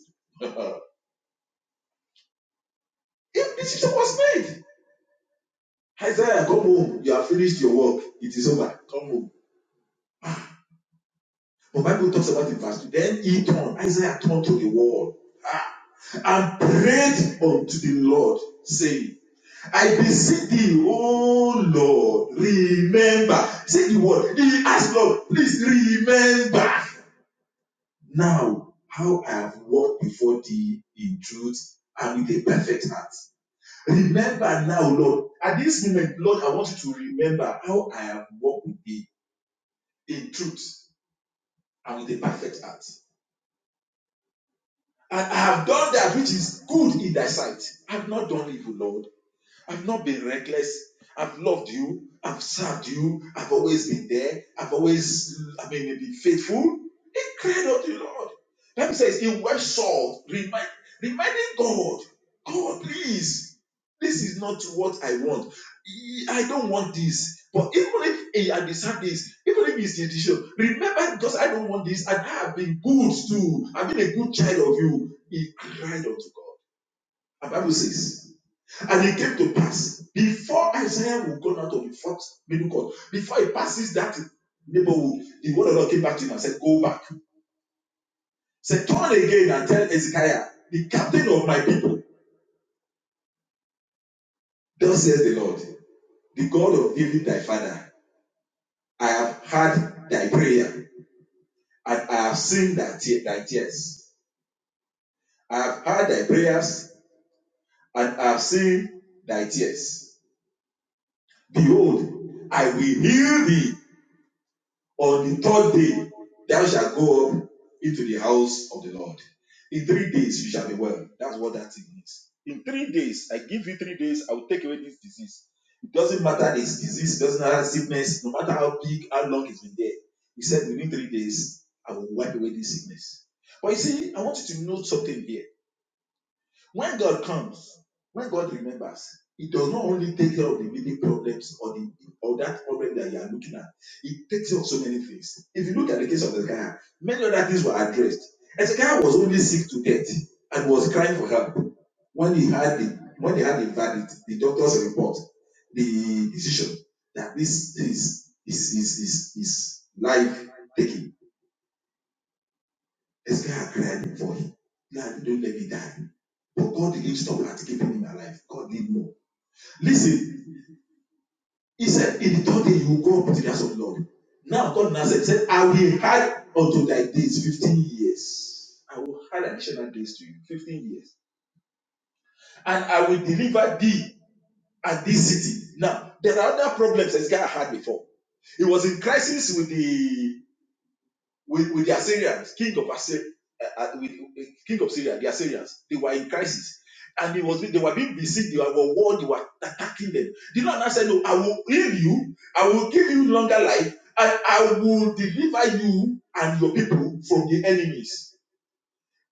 If decision was made, Isaiah, come home. You have finished your work. It is over. Come home. The Bible talks about it verse 2. Then he turned, Isaiah turned to the wall and prayed unto the Lord, saying, I beseech thee, O Lord, remember. Say the word. He asked, Lord, please remember now how I have walked before thee in truth and with a perfect heart. Remember now, Lord. At this moment, Lord, I want you to remember how I have walked with thee in truth and with a perfect heart. I have done that which is good in thy sight. I've not done evil, Lord. I've not been reckless. I've loved you. I've served you. I've always been there. I've always, I mean, been faithful. He cried out to the Lord. Bible says he wept salt, remind, reminding God, God, please. This is not what I want. I I don't want this. But even if eh, I deserve this, even if it's the decision, remember because I don't want this, and I have been good too. I've been a good child of you. He cried unto God. And Bible says, and it came to pass before Isaiah would go out of the fourth middle court, before he passes that neighborhood, the word of God came back to him and said, Go back. Said, Turn again and tell Ezekiah, the captain of my people, thus says the Lord, the God of David thy father. I have heard thy prayer, and I have seen thy, te- thy tears. I have heard thy prayers, and I have seen thy tears. Behold, I will heal thee. On the third day, thou shalt go up into the house of the Lord. In three days, you shall be well. That's what that thing means. In three days, I give you three days, I will take away this disease. It doesn't matter this disease, it doesn't matter sickness, no matter how big, how long it's been there. He said, within three days, I will wipe away this sickness. But you see, I want you to note something here. When God comes, when God remembers, He does not only take care of the immediate problems or the or that problem that you are looking at. It takes care of so many things. If you look at the case of Ezekiah, many other things were addressed. Ezekiah was only sick to death and was crying for help when he had the when he had the verdict, the doctor's report, the decision that this is is is is, is life taking. This guy had cried for him. God, don't let me die. But God didn't stop at keeping him alive. God did more. Listen, he said, In the third day you will go up to the house of the Lord. Now God now said, said, I will hide unto thy days 15 years. I will hide additional days to you, 15 years. And I will deliver thee and this city. Now, there are other problems this guy had before. He was in crisis with the with, with the Assyrians, king of Assyria, uh, uh, with, with king of Syria, the Assyrians, they were in crisis, and it was they were being besieged, they were at war, they were attacking them. The Lord now said, "No, I will heal you, I will give you longer life, and I will deliver you and your people from the enemies."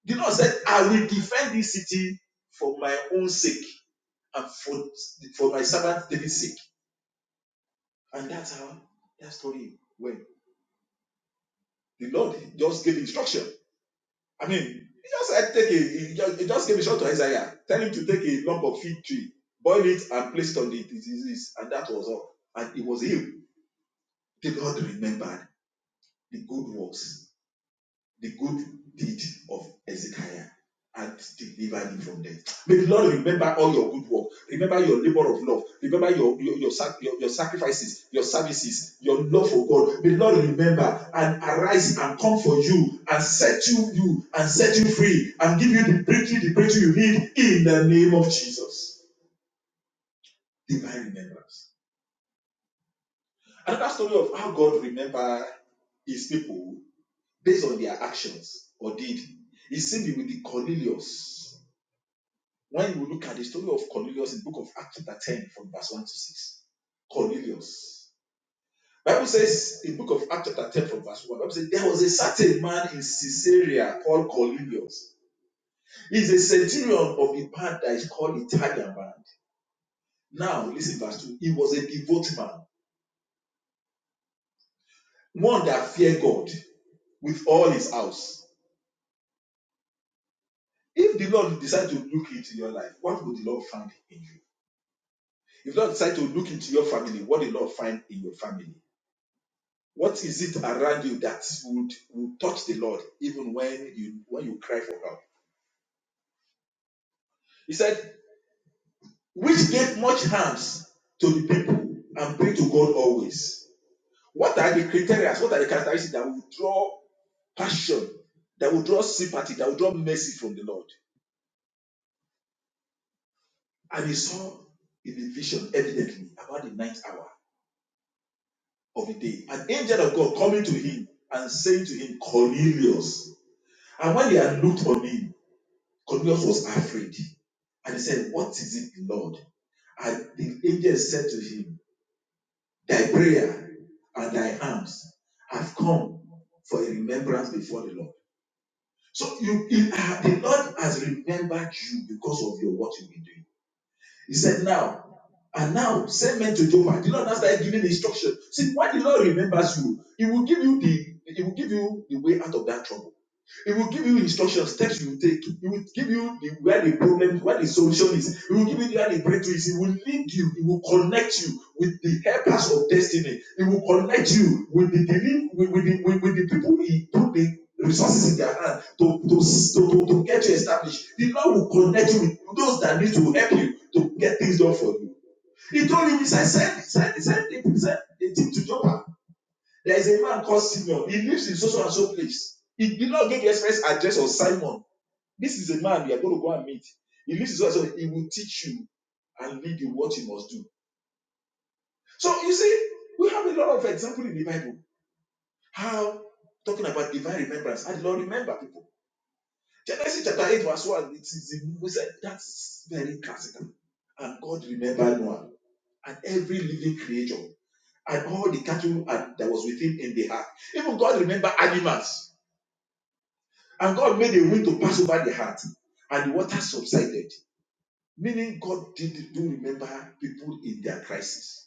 The Lord said, "I will defend this city for my own sake and for for my servant David's sake," and that's how that story went. The Lord just gave instruction I mean, he just said, take a, he just, he just gave a shot to Isaiah, tell him to take a lump of fig tree, boil it and place it on the disease, and that was all. And it was healed. The Lord remembered the good works the good deed of Ezekiah and deliver me from them. May the Lord remember all your good work. Remember your labor of love. Remember your your, your, your, your sacrifices, your services, your love for God. May the Lord remember and arise and come for you and set you you and set you free and give you the breakthrough, the breakthrough you need in the name of Jesus. Divine remembrance. Another story of how God remember His people based on their actions or deed. is seen with the Cornelius. When you look at the story of Cornelius in the book of Acts chapter 10 from verse 1 to 6. Cornelius. Bible says in the book of Acts chapter 10 from verse 1, Bible says there was a certain man in Caesarea called Cornelius. He's a centurion of the band that is called Italian band. Now listen verse 2. He was a devout man, one that feared God with all his house. If the Lord decide to look into your life, what would the Lord find in you? If the Lord decide to look into your family, what will the Lord find in your family? What is it around you that would, would touch the Lord even when you when you cry for help? He said, which gave much harms to the people and pray to God always. What are the criteria? What are the characteristics that will draw passion, that will draw sympathy, that will draw mercy from the Lord? And he saw in the vision, evidently, about the ninth hour of the day, an angel of God coming to him and saying to him, Cornelius. And when they had looked on him, Cornelius was afraid. And he said, What is it, Lord? And the angel said to him, Thy prayer and thy alms have come for a remembrance before the Lord. So you, you are- the Lord has remembered you because of your what you've been doing. He said, Now, and now send men to Joppa. The Lord has started giving instruction. See, when the Lord remembers you, He will give you the He will give you the way out of that trouble. He will give you instructions, steps you will take. He will give you the, where the problem, where the solution is. He will give you where the breakthrough is. He will lead you. He will connect you with the helpers of destiny. He will connect you with the deli- with, with, the, with, with the people he put the resources in their hand to, to, to, to, get you established. The Lord will connect you with those that need to help you to get things done for you. He told him, he said, send, send, send, the- send the team to Joppa. There is a man called Simeon. He lives in so so and so place. He did not get the express address of Simon. This is a man you are going to go and meet. He lives in so and so. He will teach you and lead you what you must do. So you see, we have a lot of example in the Bible. How talking about divine remembrance, how the Lord remember people. Genesis chapter 8, verse 1, it is the we said that's very classical. And God remembered Noah and every living creature and all the cattle that was with him in the ark. Even God remember animals. And God made a wind to pass over the heart, and the water subsided. Meaning, God did do remember people in their crisis.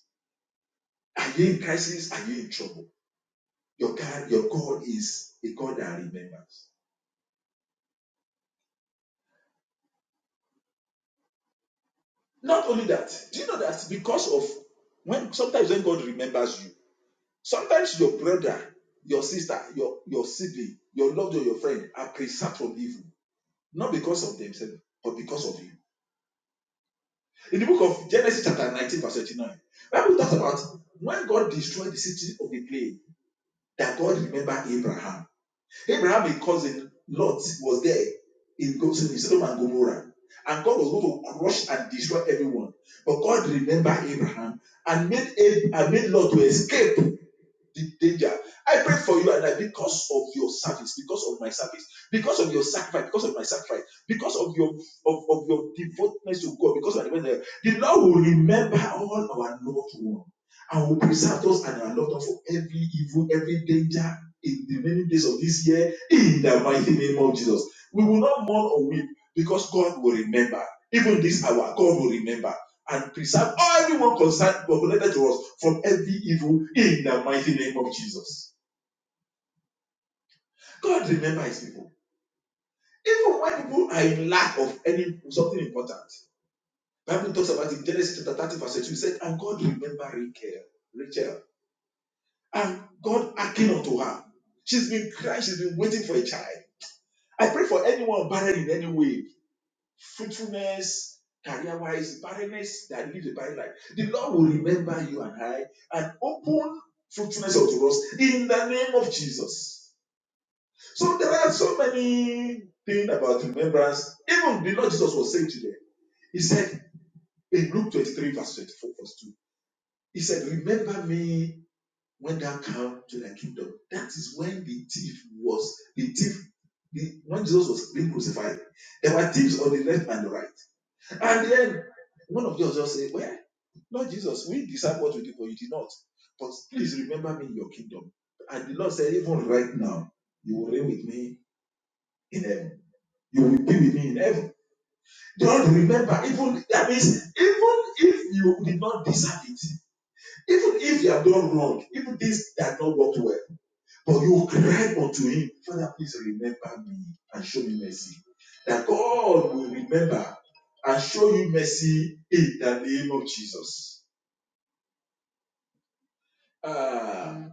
Are you in crisis? Are you in trouble? Your God, your God is a God that remembers. Not only that, do you know that because of when sometimes when God remembers you, sometimes your brother, your sister, your your sibling, your loved one, your friend are preserved from evil, not because of themselves, but because of you. In the book of Genesis, chapter 19, verse thirty-nine, Bible talks about when God destroyed the city of the plain, that God remembered Abraham. Abraham, his cousin, Lot, was there in Go- in Sodom and Gomorrah. And God was going to crush and destroy everyone. But God remembered Abraham and made, Ab- and made Lot to escape the danger. I pray for you and I because of your service, because of my service, because of your sacrifice, because of my sacrifice, because of your of, of your devotedness to God, because of the devoutness, the Lord will remember all our loved ones and will preserve us and our loved ones from every evil, every danger in the many days of this year, in the mighty name of Jesus. We will not mourn or weep because God will remember. Even this hour, God will remember and preserve everyone concerned but connected to us from every evil in the mighty name of Jesus. God remember his people. Even when people are in lack of any something important. Bible talks about in Genesis chapter 30, verse 2, it said, and God remember Rachel, Rachel, and God hearkened unto her. She's been crying, she's been waiting for a child. I pray for anyone barren in any way fruitfulness, career wise, barrenness that lives a barren life. The Lord will remember you and I and open fruitfulness unto us in the name of Jesus. So there are so many things about remembrance. Even the Lord Jesus was saying today. He said in Luke 23, verse 24, verse 2, He said, Remember me when thou come to thy kingdom. That is when the thief was, the thief, the, when Jesus was being crucified, there were thieves on the left and the right. And then one of us just said, Well, Lord Jesus, we decide what we do, but you did not. But please remember me in your kingdom. And the Lord said, Even right now, you will reign with me in heaven. You will be with me in heaven. Don't remember, even that means, even if you did not deserve it, even if you have done wrong, even things that have not worked well. But you cried unto him, Father, please remember me and show me mercy. That God will remember and show you mercy in the name of Jesus. Ah,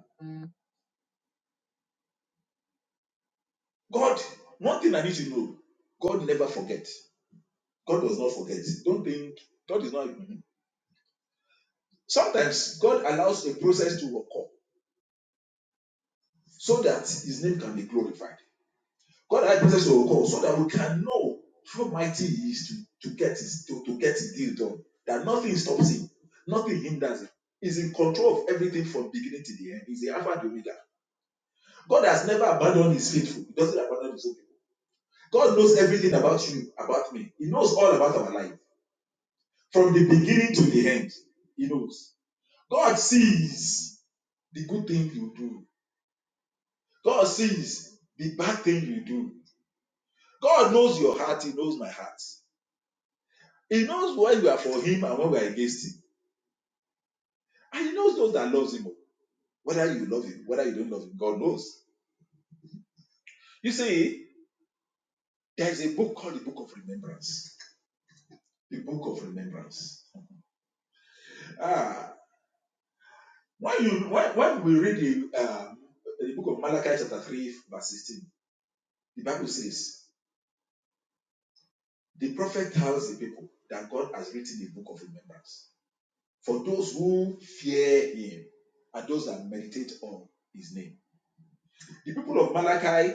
God, one thing I need you to know God never forgets. God does not forget. Don't think God is not. Sometimes God allows a process to occur so that his name can be glorified. God had Moses to call so that we can know how mighty he is to, to get his to, to get his deal done. That nothing stops him, nothing hinders him. He's in control of everything from beginning to the end. He's the Alpha and Omega. God has never abandoned his faithful. He doesn't abandon his own people. God knows everything about you, about me. He knows all about our life. From the beginning to the end, he knows. God sees the good thing you do. God sees the bad thing you do. God knows your heart. He knows my heart. He knows when we are for him and when we are against him. And he knows those that loves him. Whether you love him, whether you don't love him, God knows. You see, there's a book called the Book of Remembrance. The Book of Remembrance. Ah, when you when, when we read the um, the book of Malachi chapter 3, verse 16, the Bible says, the prophet tells the people that God has written the book of remembrance for those who fear him and those that meditate on his name. The people of Malachi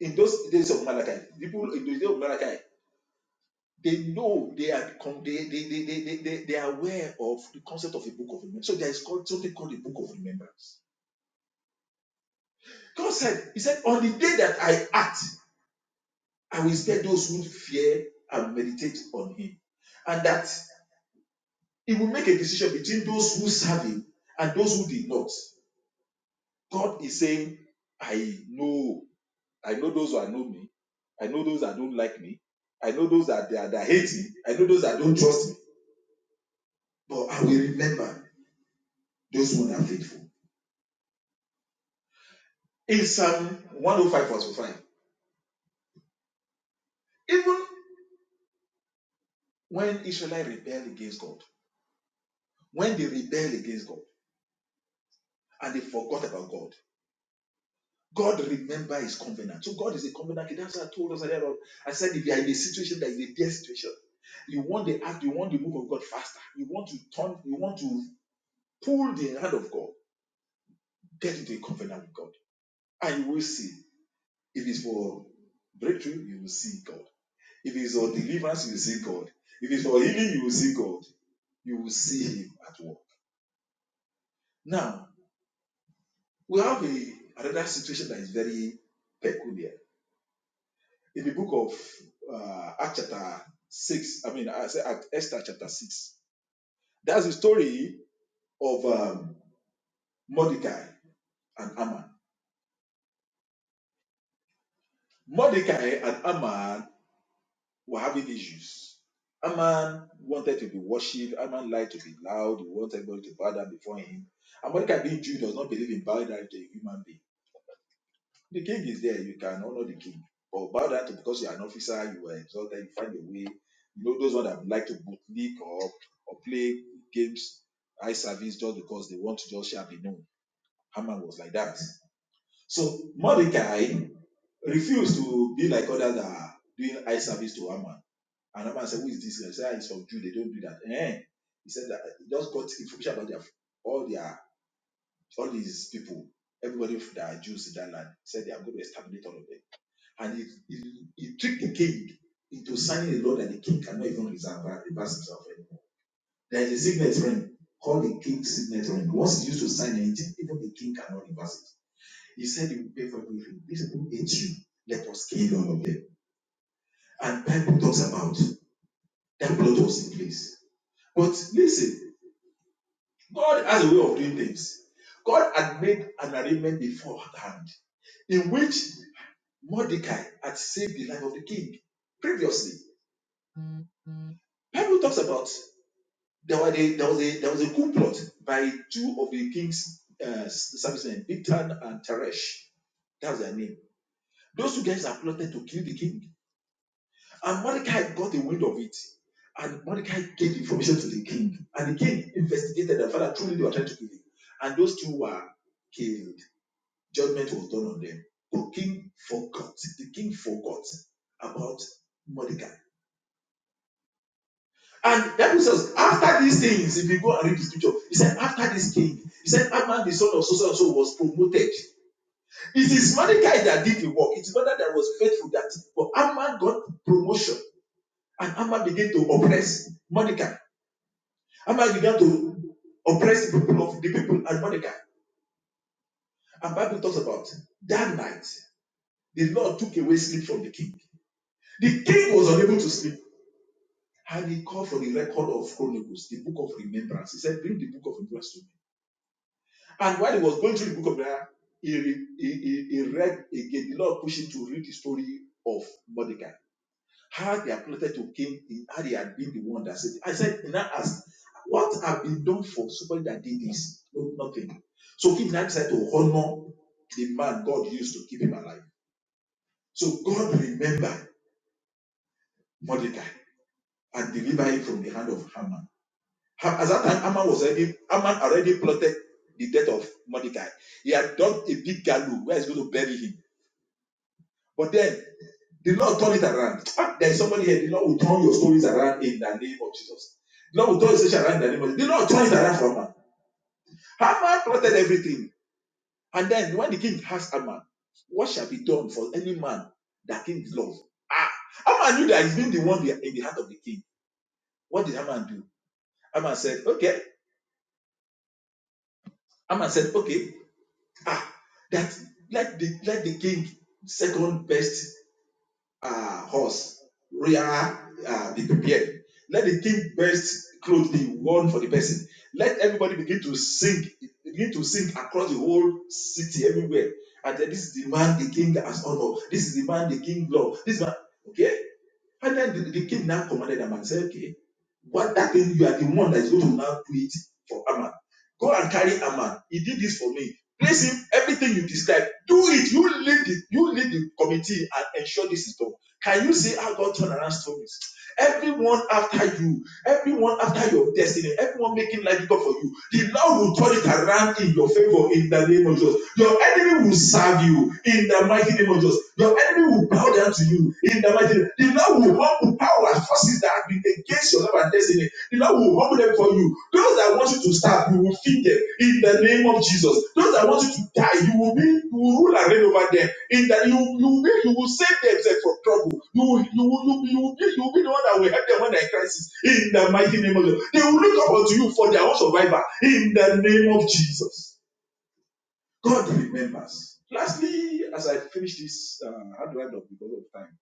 in those days of Malachi, people in the days of Malachi, they know they are con- they, they, they, they, they, they they are aware of the concept of a book of remembrance. So there is called something called a book of remembrance. God said, He said, On the day that I act, I will spare those who fear and meditate on him. And that he will make a decision between those who serve him and those who did not. God is saying, I know, I know those who know me, I know those that don't like me, I know those that, that, that hate me, I know those that don't trust me. But I will remember those who are faithful. In Psalm 105, verse 5, even when Israelite rebelled against God, when they rebelled against God and they forgot about God, God remembered his covenant. So God is a covenant. That's what I told us earlier. I said if you are in a situation that is a dear situation, you want the act, you want the move of God faster. You want to turn, you want to pull the hand of God. Get into a covenant with God. And you will see. If it's for breakthrough, you will see God. If it's for deliverance, you will see God. If it's for healing, you will see God. You will see Him at work. Now, we have a, another situation that is very peculiar. In the book of uh, Acts chapter 6, I mean, I say Act- Esther chapter 6, that's the story of um, Mordecai and Ammon. Mordecai and Ammon were having issues. Aman wanted to be worshipped. Aman liked to be loud. He wanted everybody to bow down before him. And Mordecai, being Jew, does not believe in bowing down to a human being. The king is there. You can honor the king. But bow down to because you're an officer, you were exalted, you find a way. You know, those ones that like to boot leak or, or play games, eye service just because they want to just shall be known. Haman was like that. So Mordecai refused to be like others that are doing eye service to Haman and the man said, Who is this guy? He said, "Ah, He's from Jew. They don't do that. Eh? He said that he just got information about their, all their all these people, everybody that are Jews in that land. He said they are going to exterminate all of them. And he, he, he tricked the king into signing a law that the king cannot even reserve- uh, reverse himself anymore. There is a signet ring called the king's signet ring. Once it's used to sign anything, even the king cannot reverse it. He said he will pay for everything. These people hate you. Let us kill all of them. And Bible talks about that blood was in place. But listen. God has a way of doing things. God had made an arrangement beforehand in which Mordecai had saved the life of the king previously. Bible talks about there, were the, there, was a, there was a coup plot by two of the king's uh, servicemen, Bigtan and Teresh. That was their name. Those two guys had plotted to kill the king. And Mordecai got the wind of it. And Mordecai gave information to the king. And the king investigated and found out truly they were trying to kill him. And those two were killed. Judgment was done on them. The king forgot. The king forgot about Mordecai. And that was us. After these things, if you go and read the scripture, he said, after this king, he said, Haman, the son of so and so, was promoted. It is Mordecai that did the work. It's Mordecai that was faithful that. But Haman got promotion, and Haman began to oppress Mordecai. Haman began to oppress the people of the people and Mordecai. And Bible talks about that night, the Lord took away sleep from the king. The king was unable to sleep. And he called for the record of Chronicles, the book of remembrance. He said, Bring the book of remembrance to me. And while he was going through the book of remembrance, he, he, he, he read again. The Lord pushed him to read the story of Mordecai. How they had plotted to kill him, how they had been the one that said, I said, and I asked, What have been done for somebody that did this? No, nothing. So he now decided to honor the man God used to keep him alive. So God remembered Mordecai and delivered him from the hand of Haman. At that time, Haman was already Haman already plotted the death of Mordecai. He had done a big gallows where he's going to bury him. But then the Lord turned it around. Ah, There is somebody here. The Lord will turn your stories around in the name of Jesus. The Lord will turn your stories around in the name of Jesus. The Lord turned it around for Haman. Haman plotted everything. And then when the king asked Haman, what shall be done for any man that king loves? Ah, Haman knew that he's been the one in the hand of the king. What did Haman do? Haman said, okay. Haman said, okay. Ah, that let the let the king second best uh, horse royal uh, be prepared. Let the king best clothes be worn for the person. Let everybody begin to sing, begin to sing across the whole city everywhere. And then this is the man the king has honor. This is the man the king love. This man, okay. And then the, the king now commanded them and said, okay. What that thing you are the one that is going to now do it for Aman. Go and carry Aman. He did this for me. Place him everything you describe. Do it. You lead the, lead the committee and ensure this is done. Can you see how God turned around stories? Everyone after you, everyone after your destiny, everyone making life difficult for you, the Lord will turn it around in your favor in the name of Jesus. Your enemy will serve you in the mighty name of Jesus. Your enemy will bow down to you in the mighty name. The Lord will humble power and forces that have been against your life and destiny. The Lord will humble them for you. Those that want you to starve, you will feed them in the name of Jesus. Those that want you to die, you will be you will rule and reign over them. In that you you will be, you will save themselves from trouble you will, you, will, you, will- you will be, you will be the one that will help them when they're crisis. In the mighty name of God, They will look up unto you for their own survivor. In the name of Jesus. God remembers. Lastly, as I finish this, uh, how do I do because of time?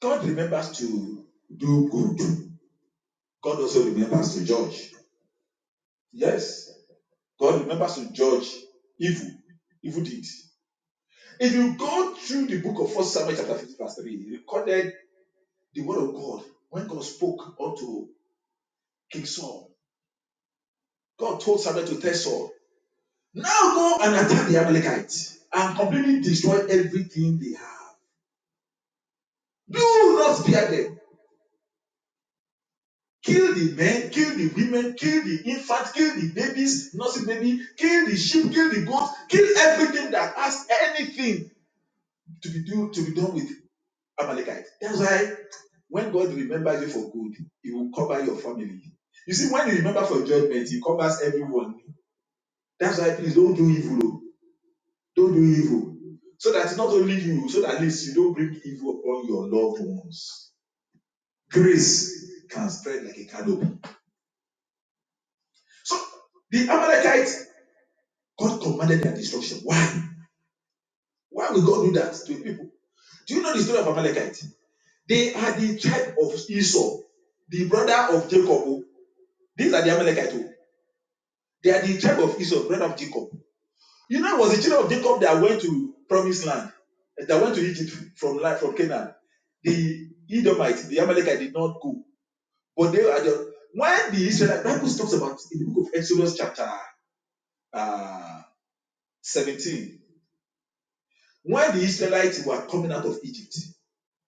God remembers to do good. God also remembers to judge. Yes. God remembers to judge evil, evil deeds. If you go through the book of First Samuel chapter 15, verse 3, it recorded the word of God when God spoke unto King Saul God told Samuel to tell Saul, now go and attack the Amalekites and completely destroy everything they have. Do not spare them. Kill the men, kill the women, kill the infants, kill the babies, nursing baby, kill the sheep, kill the goats, kill everything that has anything to be do to be done with Amalekites. That's why when God remembers you for good, He will cover your family. You see, when you remember for judgment, He covers everyone. That's why please don't do evil. oh. Don't do evil. So that not only you, so that at least you don't bring evil upon your loved ones. Grace can spread like a canopy. So the Amalekites, God commanded their destruction. Why? Why would God do that to a people? Do you know the story of Amalekites? They are the tribe of Esau, the brother of Jacob. oh. These are the Amalekites. oh. They are the tribe of Esau, brother of Jacob. You know, it was the children of Jacob that went to Promised Land, that went to Egypt from from Canaan. The Edomites, the Amalekites did not go, but they are the when the Israelites. Bible talks about in the book of Exodus chapter uh, seventeen when the Israelites were coming out of Egypt.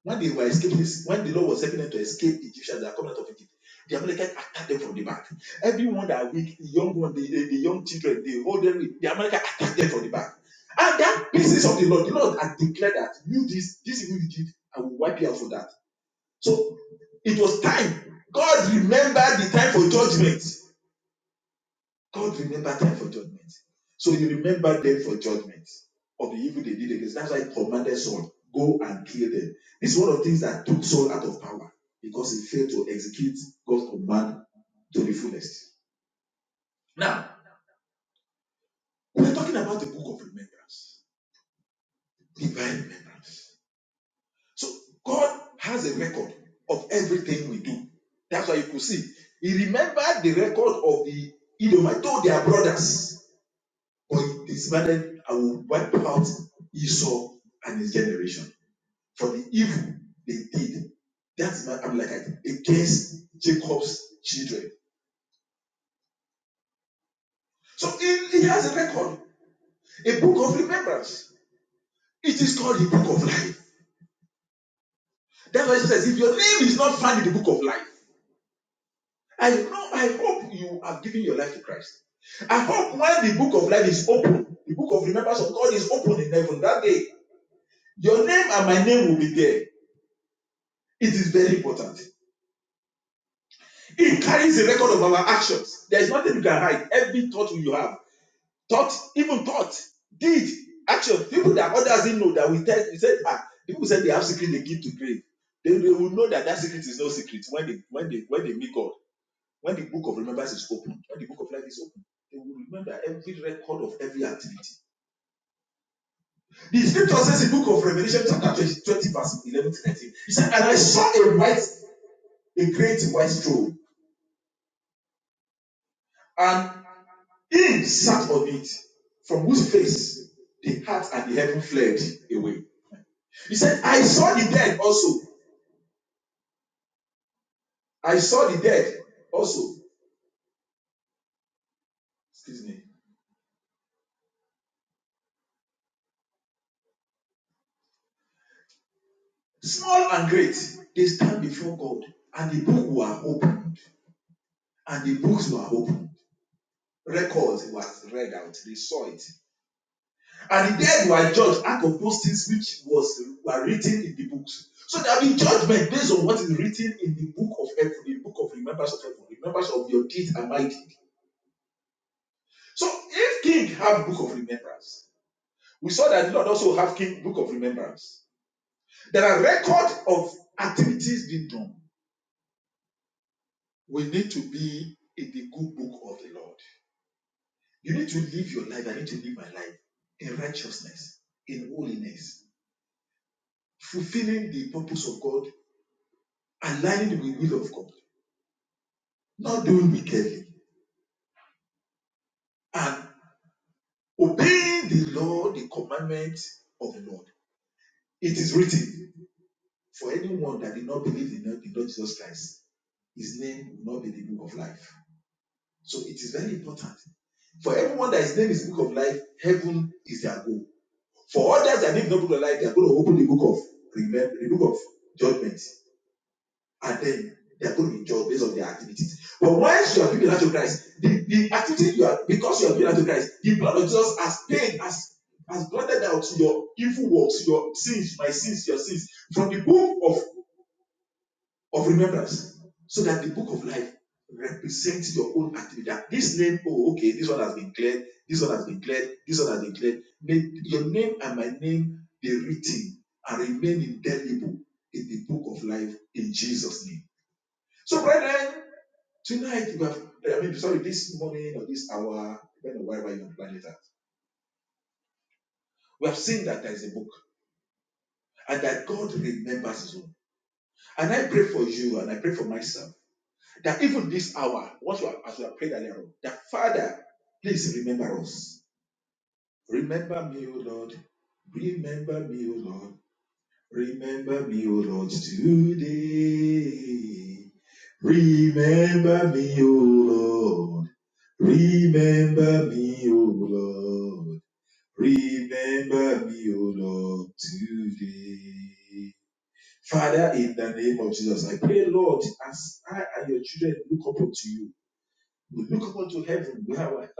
When they were escaping, when the Lord was helping them to escape the Egyptians that are coming out of Egypt, the Americans attacked them from the back. Everyone that are weak, the young one, the, the, the young children, they hold them, the Americans attacked them from the back. And that business of the Lord, the Lord had declared that you this, this evil you did, I will wipe you out for that. So it was time. God remembered the time for judgment. God remember time for judgment. So he remembered them for judgment of the evil they did against. That's why he commanded Saul, go and kill them. This is one of the things that took Saul out of power because he failed to execute God's command to the fullest. We're talking about the book of remembrance, divine remembrance. So God has a record of everything we do. That's why you could see. He remembered the record of the Edomites. though they are brothers. But this man, I will wipe out Esau and his generation for the evil they did. That's my Amalekite against Jacob's children. So he, he has a record, a book of remembrance. It is called the book of life. That's why it says, if your name is not found in the book of life, I know, I hope you have given your life to Christ. I hope when the book of life is open, the book of remembrance of God is open in heaven that day, your name and my name will be there. It is very important. It carries the record of our actions. There is nothing you can hide. Every thought you have, thought, even thought, deed, action, people that others didn't know that we tell, we said, ah, people said they have secret they give to grave. They, they will know that that secret is no secret when they when they when they meet God, when the book of remembrance is open, when the book of life is open, they will remember every record of every activity. The scripture says in the book of Revelation chapter 20, verse 11 to 13, it said, and I saw a white, a great white throne and. Eve sat on it, from whose face the heart and the heaven fled away. He said, I saw the dead also. I saw the dead also. Excuse me. Small and great, they stand before God, and the book were opened, and the books were opened. Records was read out. They saw it, and the dead were judged out of those things which was were written in the books. So there will be judgment based on what is written in the book of heaven, the book of remembrance of heaven, remembrance of your deeds and might So if king have book of remembrance, we saw that the Lord also have king book of remembrance. There are records of activities being done. We need to be in the good book of the Lord. You need to live your life. I need to live my life in righteousness, in holiness, fulfilling the purpose of God, aligning with the will of God, not doing wickedly, and obeying the law, the commandment of the Lord. It is written for anyone that did not believe in the Lord Jesus Christ His name will not be in the book of life. So it is very important. For everyone that his name is book of life, heaven is their goal. For others that name is not book of life, they are going to open the book of remember the book of judgment, and then they are going to be judged based on their activities. But once you are given to Christ, the, the activity you are because you are given to Christ, the blood of Jesus has paid has has blotted out your evil works, your sins, my sins, your sins from the book of of remembrance so that the book of life represents your own activity. That This name, oh, okay, this one has been cleared, this one has been cleared, this one has been cleared. May your name and my name be written and remain indelible in the book of life in Jesus' name. So, brethren, tonight we have, I mean, sorry, this morning or this hour, depending on wherever you are planning that, we have seen that there is a book and that God remembers His own. And I pray for you and I pray for myself that even this hour, what you are, as you have prayed earlier, that Father, please remember us. Remember me, O Lord. Remember me, O Lord. Remember me, O Lord, today. Remember me, O Lord. Remember me, O Lord. Remember me, O Lord, today. Father, in the name of Jesus, I pray, Lord, as I and your children look up unto you. We look up unto heaven. We have our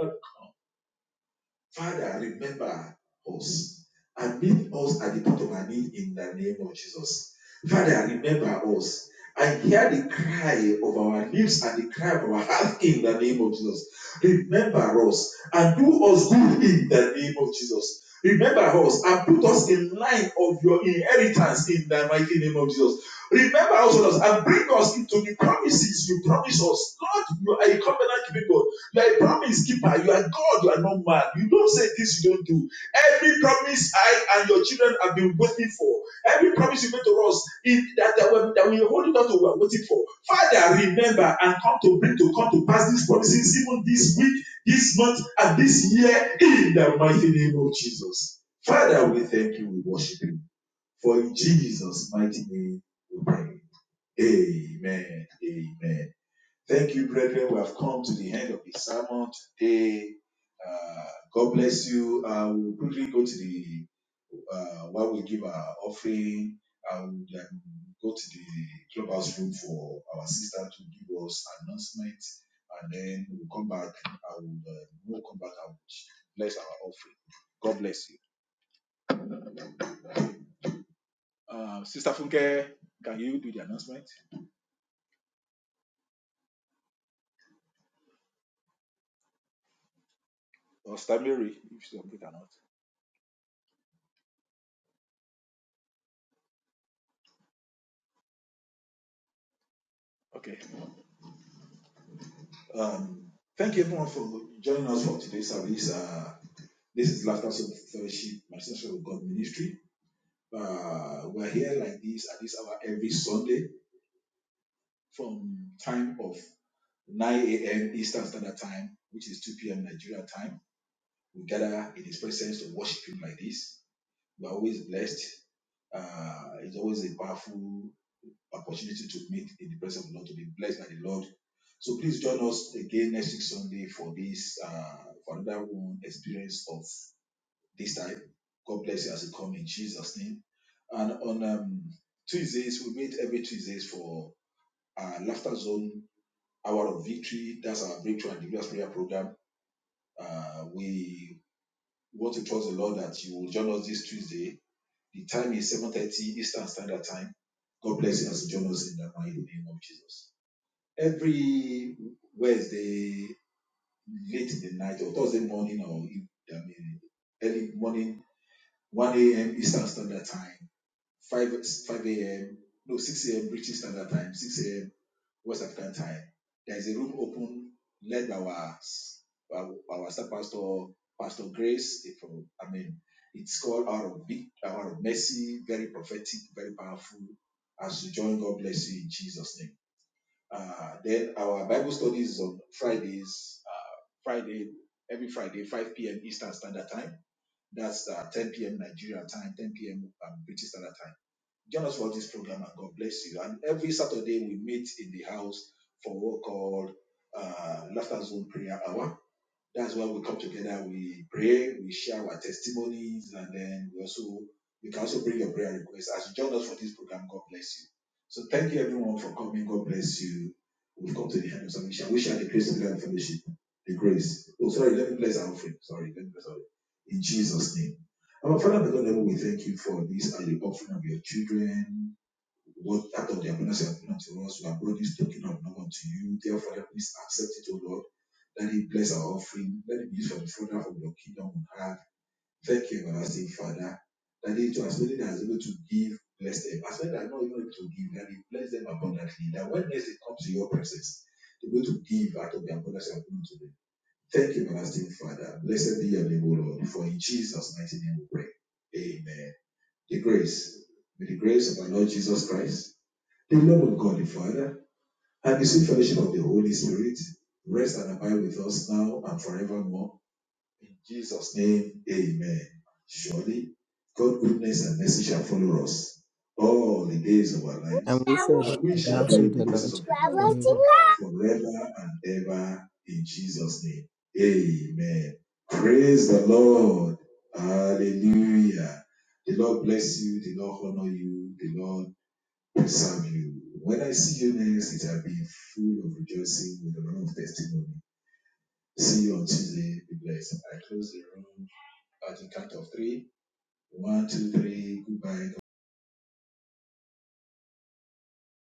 Father, remember us and meet us at the point of our need in the name of Jesus. Father, remember us and hear the cry of our lips and the cry of our heart in the name of Jesus. Remember us and do us good in the name of Jesus. Remember us and put us in line of your inheritance in the mighty name of Jesus. Remember us, and bring us into the promises you promise us. Lord, you are a covenant keeping God. You are a promise keeper. You are God. You are no man. You know say this you don't do. Every promise I and your children have been waiting for, every promise you made to us in, that, that, we, that we are holding on to, we are waiting for. Father, remember and come to bring to come to pass these promises even this week, this month, and this year in the mighty name of Jesus. Father, we thank you, we worship you. For in Jesus' mighty name we pray. Amen. Amen. Thank you, brethren. We have come to the end of the sermon today. Uh, God bless you. Uh, We will quickly go to the uh, while we give our offering. I will um, go to the clubhouse room for our sister to give us announcement, and then we'll come back. I will uh, we'll come back. and bless our offering. God bless you, uh, Sister Funke. Can you do the announcement or Sister Mary if she's on break or not? Okay. Um, thank you everyone for joining us for today's service. Uh, this is Laughter Soul Fellowship, my sister of God ministry. Uh, we're here like this at this hour every Sunday from time of 9 a.m. Eastern Standard Time, which is 2 p.m. Nigeria time. We gather in His presence to worship Him like this. We are always blessed. Uh, it's always a powerful opportunity to meet in the presence of the Lord, to be blessed by the Lord. So please join us again next week Sunday for this uh, for another one experience of this type. God bless you as you come in Jesus' name. And on um, Tuesdays, we meet every Tuesdays for our laughter zone hour of victory. That's our breakthrough and deliverance prayer program. Uh, we want to trust the Lord that you will join us this Tuesday the time is 7.30 Eastern Standard Time. God bless you as you join us in the mighty name of Jesus. Every Wednesday, late in the night or Thursday morning or I mean, early morning, 1 a.m. Eastern Standard Time, 5 5 a.m. no 6 a.m. British Standard Time, 6 a.m. West African time. There is a room open led by our our, our star pastor, Pastor Grace. eh, From, I mean, it's called Hour of Vic- Hour of Mercy. Very prophetic, very powerful. As you join, God bless you in Jesus' name. Uh, then our Bible studies is on Fridays. Uh, Friday every Friday, 5 p.m. Eastern Standard Time. That's uh, 10 p.m. Nigeria time, 10 p.m. Um, British Standard Time join us for this program and God bless you. And every Saturday we meet in the house for what called uh, Laughter Zone Prayer Hour that's why we come together, we pray, we share our testimonies, and then we also you can also bring your prayer requests. As you join us for this program, God bless you. So thank you everyone for coming. God bless you. We've come to the end of submission. We shall the grace together in fellowship. The grace. Oh, sorry, let me bless our offering. Sorry, let me bless our offering. In Jesus' name. Our Father and God, level, we thank you for this and the offering of your children what out of the abundance you have given unto us, we have brought this token of love unto you. Therefore, please accept it, O Lord Daddy, bless our offering. Let it be used for the further of your kingdom on earth. Thank you, everlasting Father. Daddy, to as many that is able to give, bless them. As many that are not even able to give, Daddy, bless them abundantly. That when next they come to your presence, they will to give out of their abundance and give to them. Thank you, everlasting Father. Blessed be your name, O Lord. For in Jesus' mighty name we pray. Amen. The grace. May the grace of our Lord Jesus Christ, the love of God the Father and the sweet fellowship of the Holy Spirit, rest and abide with us now and forevermore. In Jesus' name, amen. Surely, God's goodness and mercy shall follow us all the days of our
and
lives,
we shall
and we
the
shall dwell
house of
in the
the
presence
Lord
of the Lord
forever.
forever and ever. In Jesus' name, amen. Praise the Lord. Hallelujah. The Lord bless you. The Lord honor you. The Lord to Serve you. When I see you next, it shall be full of rejoicing with a lot of testimony. See you on Tuesday. Be blessed. I close the room at the count of three. One, two, three. Goodbye.